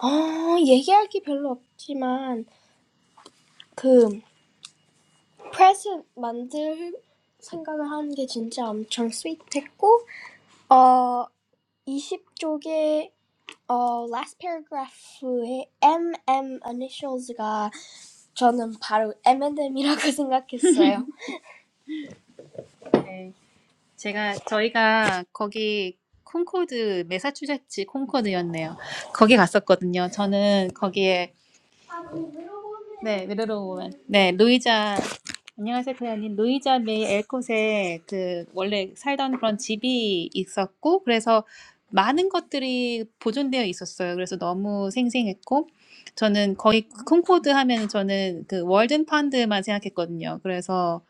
[SPEAKER 1] 어, 얘기할 게 별로 없지만 그 프레젠트 만들 생각을 하는 게 진짜 엄청 스윗했고 어 이십 쪽에 어, last paragraph의 MM initials가 저는 바로 M&M이라고 생각했어요. 네. 제가 저희가 거기 콘코드 매사추세츠 콘코드였네요. 거기 갔었거든요. 저는 거기에 네, 위로로 오면. 네, 루이자. 안녕하세요, 클레어님. 루이자 메이 엘콧에 그 원래 살던 그런 집이 있었고, 그래서 많은 것들이 보존되어 있었어요. 그래서 너무 생생했고, 저는 거의 콩코드 하면 저는 그 월든 펀드만 생각했거든요. 그래서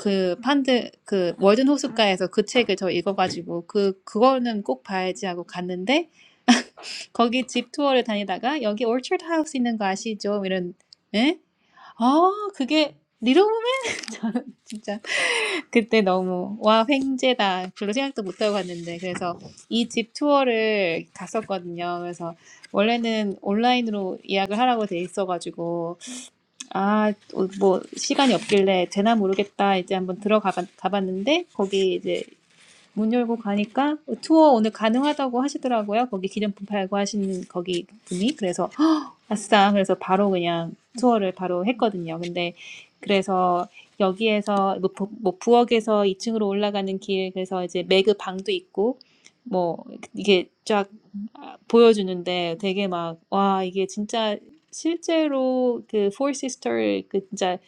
[SPEAKER 1] 그 펀드, 그 월든 호숫가에서 그 책을 저 읽어가지고, 그, 그거는 꼭 봐야지 하고 갔는데, 거기 집 투어를 다니다가, 여기 올처드 하우스 있는 거 아시죠? 이런, 에? 아 그게 리로우맨? 진짜 그때 너무 와 횡재다 별로 생각도 못하고 갔는데 그래서 이 집 투어를 갔었거든요. 그래서 원래는 온라인으로 예약을 하라고 돼 있어가지고 아 뭐 시간이 없길래 되나 모르겠다 이제 한번 들어가 가봤는데 거기 이제 문 열고 가니까 투어 오늘 가능하다고 하시더라고요. 거기 기념품 팔고 하시는 거기 분이 그래서 아싸. 그래서 바로 그냥 투어를 바로 했거든요. 근데 그래서 여기에서 뭐, 부, 뭐 부엌에서 2층으로 올라가는 길, 그래서 이제 매그 방도 있고, 뭐 이게 쫙 보여주는데 되게 막, 와, 이게 진짜 실제로 그 Four Sister 그 진짜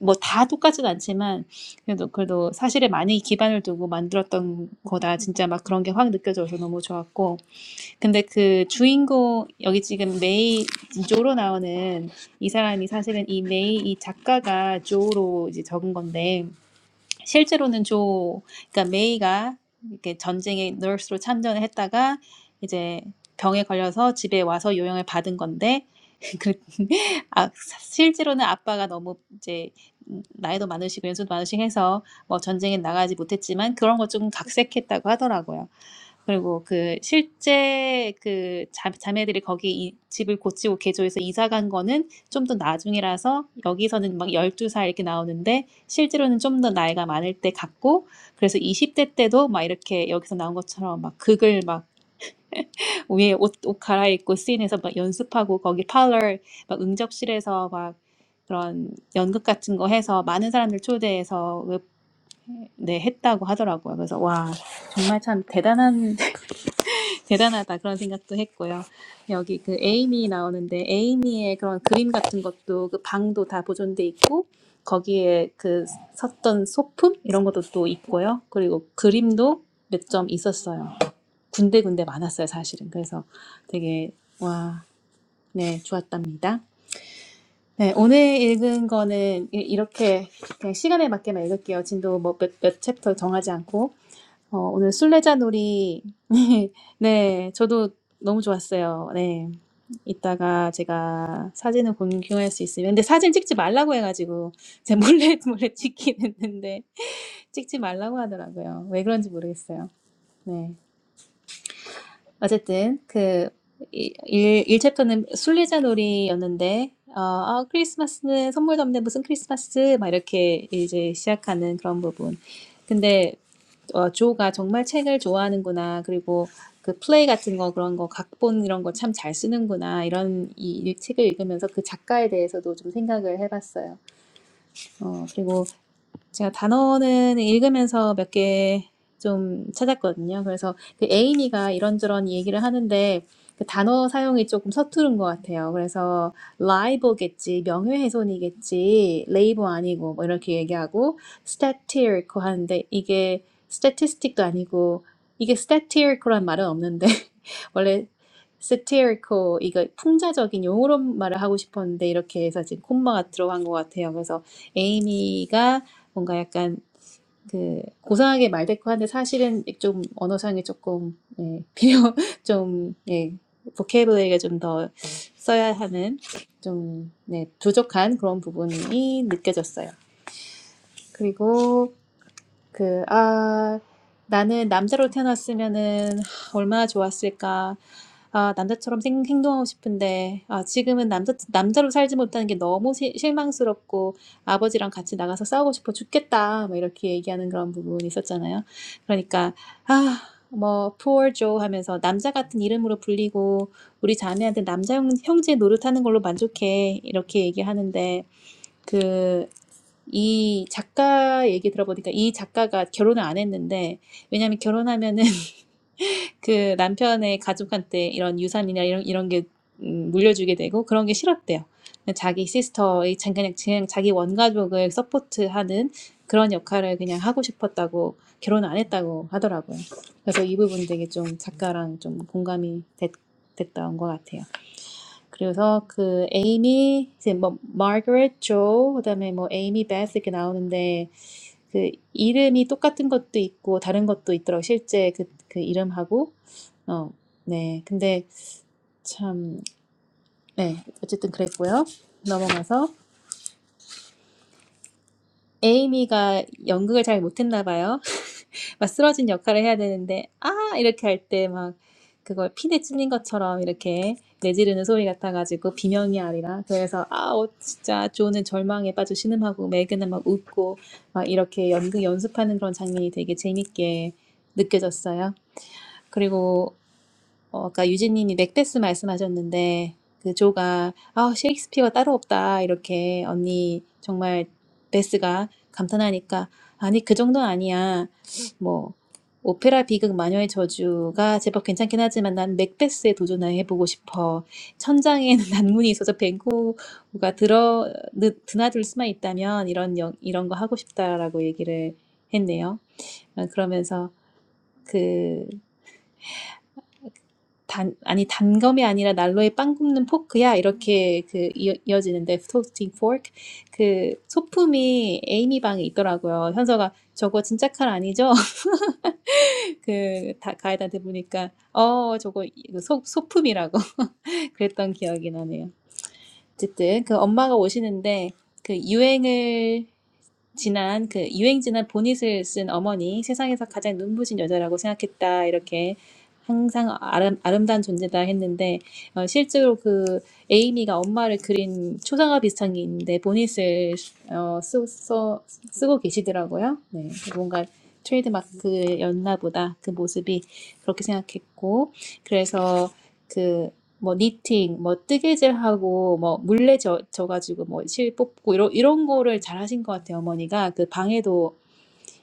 [SPEAKER 1] 뭐 다 똑같진 않지만 그래도 그래도 사실에 많이 기반을 두고 만들었던 거다. 진짜 막 그런 게 확 느껴져서 너무 좋았고. 근데 그 주인공 여기 지금 메이 조로 나오는 이 사람이 사실은 이 메이 이 작가가 조로 이제 적은 건데 실제로는 조, 그러니까 메이가 이렇게 전쟁에 널스로 참전을 했다가 이제 병에 걸려서 집에 와서 요양을 받은 건데, 그, 아, 실제로는 아빠가 너무 이제 나이도 많으시고 연세도 많으시고 해서 뭐 전쟁에 나가지 못했지만 그런 것 좀 각색했다고 하더라고요. 그리고 그 실제 그 자, 자매들이 거기 이 집을 고치고 개조해서 이사 간 거는 좀 더 나중이라서 여기서는 막 열두 살 이렇게 나오는데 실제로는 좀 더 나이가 많을 때 같고 그래서 20대 때도 막 이렇게 여기서 나온 것처럼 막 극을 막 위에 옷, 옷 갈아입고 씬에서 막 연습하고 거기 팔러 막 응접실에서 막 그런 연극 같은 거 해서 많은 사람들 초대해서 네 했다고 하더라고요. 그래서 와 정말 참 대단한 대단하다 그런 생각도 했고요. 여기 그 에이미 나오는데 에이미의 그런 그림 같은 것도 그 방도 다 보존돼 있고 거기에 그 섰던 소품 이런 것도 또 있고요. 그리고 그림도 몇 점 있었어요. 군데군데 많았어요, 사실은. 그래서 되게 와, 네, 좋았답니다. 네, 오늘 읽은 거는 이- 이렇게 그냥 시간에 맞게만 읽을게요. 진도 뭐 몇, 몇 챕터 정하지 않고 어, 오늘 술래자놀이. 네, 저도 너무 좋았어요. 네. 이따가 제가 사진을 공유할 수 있으면. 근데 사진 찍지 말라고 해가지고, 제 몰래, 몰래 찍긴 했는데, 찍지 말라고 하더라고요. 왜 그런지 모르겠어요. 네. 어쨌든, 그, 이- 일일 챕터는 술래자놀이였는데, 어, 아, 크리스마스는 선물도 없는데 무슨 크리스마스? 막 이렇게 이제 시작하는 그런 부분. 근데 어, 조가 정말 책을 좋아하는구나. 그리고 그 플레이 같은 거 그런 거 각본 이런 거 참 잘 쓰는구나. 이런 이, 이 책을 읽으면서 그 작가에 대해서도 좀 생각을 해봤어요. 어, 그리고 제가 단어는 읽으면서 몇 개 좀 찾았거든요. 그래서 그 에이미가 이런저런 얘기를 하는데 그 단어 사용이 조금 서투른 것 같아요. 그래서 liable겠지, 명예훼손이겠지, label 아니고 뭐 이렇게 얘기하고 statistical 하는데 이게 statistic도 아니고 이게 statistical란 말은 없는데 원래 satirical 이거 풍자적인 용어로 말을 하고 싶었는데 이렇게 해서 지금 콤마가 들어간 것 같아요. 그래서 에이미가 뭔가 약간 그 고상하게 말대꾸하는데 사실은 좀 언어상에 조금 예, 비어 좀 예, 보케이블러리가 좀 더 써야 하는 좀 네, 부족한 그런 부분이 느껴졌어요. 그리고 그, 아, 나는 남자로 태어났으면은 하, 얼마나 좋았을까. 아, 남자처럼 생, 행동하고 싶은데, 아, 지금은 남자, 남자로 살지 못하는 게 너무 시, 실망스럽고, 아버지랑 같이 나가서 싸우고 싶어 죽겠다. 뭐 이렇게 얘기하는 그런 부분이 있었잖아요. 그러니까, 아, 뭐, poor Joe 하면서 남자 같은 이름으로 불리고, 우리 자매한테 남자 형, 형제 노릇하는 걸로 만족해. 이렇게 얘기하는데, 이 작가 얘기 들어보니까 이 작가가 결혼을 안 했는데 왜냐면 결혼하면은 그 남편의 가족한테 이런 유산이나 이런 이런 게 음, 물려주게 되고 그런 게 싫었대요. 자기 시스터의 자- 그냥, 그냥 자기 원가족을 서포트하는 그런 역할을 그냥 하고 싶었다고 결혼을 안 했다고 하더라고요. 그래서 이 부분 되게 좀 작가랑 좀 공감이 됐, 됐다 온것 같아요. 그래서 그 에이미 이제 뭐 마거릿 조 그다음에 뭐 에이미 베스 이렇게 나오는데 그 이름이 똑같은 것도 있고 다른 것도 있더라고 실제 그, 그 이름하고 어, 네 근데 참 네 어쨌든 그랬고요 넘어가서 에이미가 연극을 잘 못했나 봐요 막 쓰러진 역할을 해야 되는데 아 이렇게 할 때 막 그걸 피에 찔린 것처럼 이렇게 내지르는 소리 같아가지고 비명이 아니라 그래서 아 어, 진짜 조는 절망에 빠져 신음하고 메그는 막 웃고 막 이렇게 연극 연습하는 그런 장면이 되게 재밌게 느껴졌어요 그리고 어, 아까 유진님이 맥베스 말씀하셨는데 그 조가 아 셰익스피어가 따로 없다 이렇게 언니 정말 베스가 감탄하니까 아니 그 정도는 아니야 뭐 오페라 비극 마녀의 저주가 제법 괜찮긴 하지만 난 맥베스에 도전해보고 싶어 천장에는 난문이 있어서 뱅코가 들어 느- 드나들 수만 있다면 이런 영- 이런 거 하고 싶다라고 얘기를 했네요 어, 그러면서 단, 아니, 단검이 아니라 난로에 빵 굽는 포크야. 이렇게 그 이어, 이어지는데, toasting fork. 그 소품이 에이미 방에 있더라고요. 현서가 저거 진짜 칼 아니죠? 그 다, 가이드한테 보니까, 어, 저거 이거 소, 소품이라고 그랬던 기억이 나네요. 어쨌든 그 엄마가 오시는데, 그 유행을 지난 그 유행 지난 보닛을 쓴 어머니 세상에서 가장 눈부신 여자라고 생각했다 이렇게 항상 아름, 아름다운 존재다 했는데 어, 실제로 그 에이미가 엄마를 그린 초상화 비슷한 게 있는데 보닛을 어, 쓰, 써, 쓰고 계시더라고요. 네, 뭔가 트레이드마크였나 보다 그 모습이 그렇게 생각했고 그래서 그 뭐 니팅, 뭐 뜨개질하고 뭐 물레 져, 져가지고 뭐실 뽑고 이런 이런 거를 잘하신 것 같아요 어머니가 그 방에도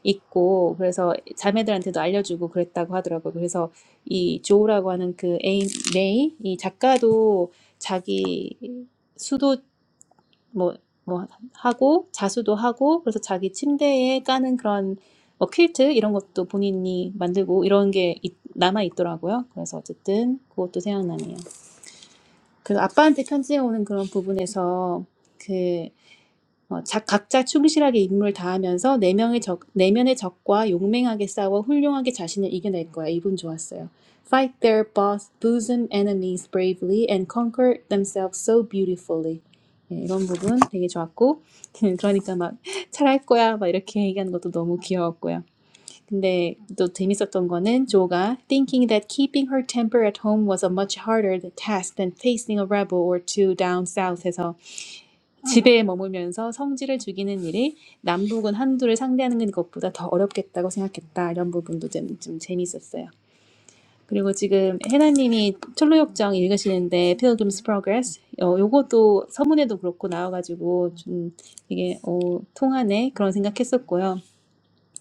[SPEAKER 1] 있고 그래서 자매들한테도 알려주고 그랬다고 하더라고요. 그래서 이 조우라고 하는 그 에이 메이 이 작가도 자기 수도 뭐 뭐 하고 자수도 하고 그래서 자기 침대에 까는 그런 뭐 퀼트 이런 것도 본인이 만들고 이런 게 남아 있더라고요. 그래서 어쨌든 그것도 생각나네요. That father wrote a letter. In that part, each one was faithful to their duty. They fought bravely against their enemies and conquered themselves so beautifully. This part was really good. Fight their boss, booze enemies bravely, and conquer themselves so beautifully. This part was really good. So, they're going to be good. The doth miss a tongue of n Joga, thinking that keeping her temper at home was a much harder task than facing a rebel or two down south. So, 집에 머물면서 성질을 죽이는 일이 남북군 한 두를 상대하는 것보다 더 어렵겠다고 생각했다. 이런 부분도 좀좀 재미있었어요. 그리고 지금 해나님이 철로역정 읽으시는데, Peter James Progress. 어, 요것도 서문에도 그렇고 나와가지고 좀 이게 오 통한에 그런 생각했었고요.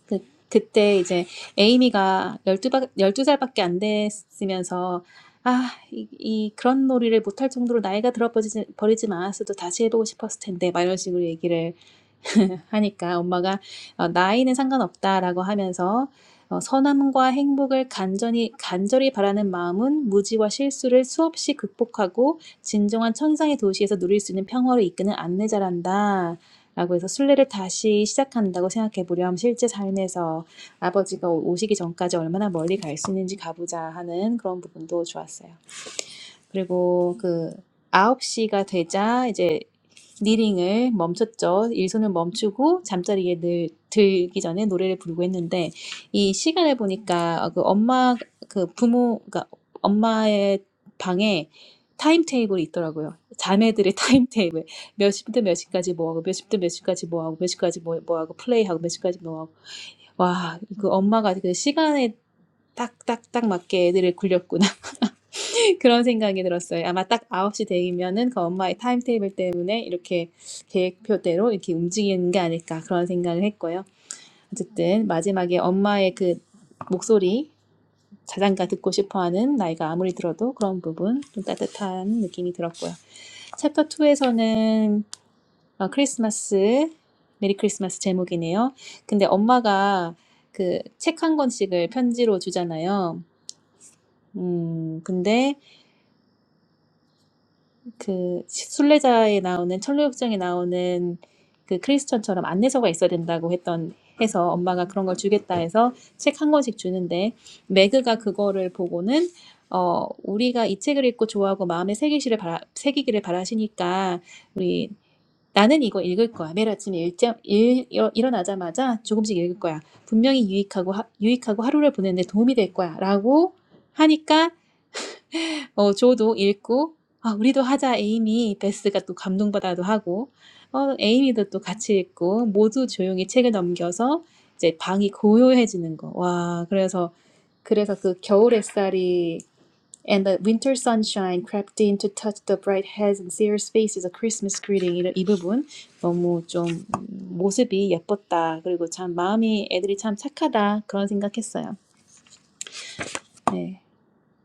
[SPEAKER 1] 그, 그때 이제 에이미가 열두 박- 열두 살밖에 안 됐으면서 아, 이, 이 그런 놀이를 못할 정도로 나이가 들어 버리지, 버리진 않았어도 다시 해보고 싶었을 텐데 막 이런 식으로 얘기를 하니까 엄마가 어, 나이는 상관없다라고 하면서 어, 선함과 행복을 간절히, 간절히 바라는 마음은 무지와 실수를 수없이 극복하고 진정한 천상의 도시에서 누릴 수 있는 평화를 이끄는 안내자란다. 라고 해서 순례를 다시 시작한다고 생각해 보렴. 실제 삶에서 아버지가 오시기 전까지 얼마나 멀리 갈 수 있는지 가보자 하는 그런 부분도 좋았어요. 그리고 그 아홉 시가 되자 이제 니링을 멈췄죠. 일손을 멈추고 잠자리에 늘 들기 전에 노래를 부르고 했는데 이 시간을 보니까 그 엄마 그 부모 그러니까 엄마의 방에 타임 테이블이 있더라고요. 자매들의 타임 테이블. 몇 시부터 몇 시까지 뭐 하고 몇 시부터 몇 시까지 뭐 하고 몇 시까지 뭐, 뭐 하고 플레이하고 몇 시까지 뭐 하고 와, 그 엄마가 그 시간에 딱딱딱 맞게 애들을 굴렸구나. 그런 생각이 들었어요. 아마 딱 아홉 시 되면은 그 엄마의 타임테이블 때문에 이렇게 계획표대로 이렇게 움직이는 게 아닐까 그런 생각을 했고요. 어쨌든 마지막에 엄마의 그 목소리 자장가 듣고 싶어하는 나이가 아무리 들어도 그런 부분 좀 따뜻한 느낌이 들었고요. 챕터 2에서는 어, 크리스마스 메리 크리스마스 제목이네요. 근데 엄마가 그 책 한 권씩을 편지로 주잖아요. 음, 근데 그 순례자에 나오는 천루역정에 나오는 그 크리스천처럼 안내서가 있어야 된다고 했던 해서 엄마가 그런 걸 주겠다 해서 책 한 권씩 주는데 매그가 그거를 보고는 어 우리가 이 책을 읽고 좋아하고 마음에 새기시를 바라, 새기기를 바라시니까 우리 나는 이거 읽을 거야. 매일 아침에 일정 일, 일- 일어나자마자 조금씩 읽을 거야. 분명히 유익하고 하, 유익하고 하루를 보내는데 도움이 될 거야라고 하니까 어, 저도 읽고, 아, 우리도 하자, 에이미. 베스가 또 감동받아도 하고, 어, 에이미도 또 같이 읽고, 모두 조용히 책을 넘겨서 이제 방이 고요해지는 거. 와, 그래서, 그래서 그 겨울 햇살이 And the winter sunshine crept in to touch the bright hair and see her face as Christmas greeting. 이이 부분 너무 좀 음, 모습이 예뻤다. 그리고 참 마음이 애들이 참 착하다 그런 생각했어요. 네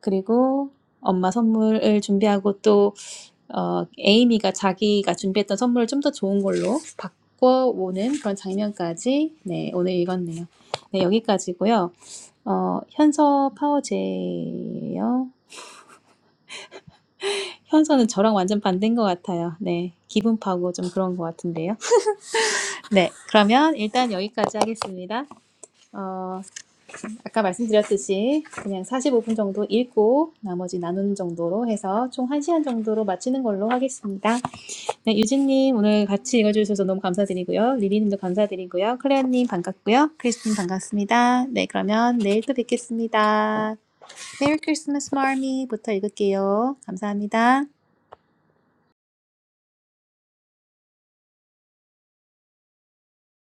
[SPEAKER 1] 그리고 엄마 선물을 준비하고 또 어, 에이미가 자기가 준비했던 선물을 좀 더 좋은 걸로 바꿔오는 그런 장면까지 네, 오늘 읽었네요. 네, 여기까지고요. 어, 현서 파워제예요. 현서는 저랑 완전 반대인 것 같아요. 네, 기분 파고 좀 그런 것 같은데요. 네, 그러면 일단 여기까지 하겠습니다. 어, 아까 말씀드렸듯이 그냥 45분 정도 읽고 나머지 나누는 정도로 해서 총 한 시간 정도로 마치는 걸로 하겠습니다. 네, 유진님 오늘 같이 읽어주셔서 너무 감사드리고요. 리리님도 감사드리고요. 클레어님 반갑고요. 크리스틴 반갑습니다. 네, 그러면 내일 또 뵙겠습니다. 메리 크리스마스 마미부터 읽을게요. 감사합니다.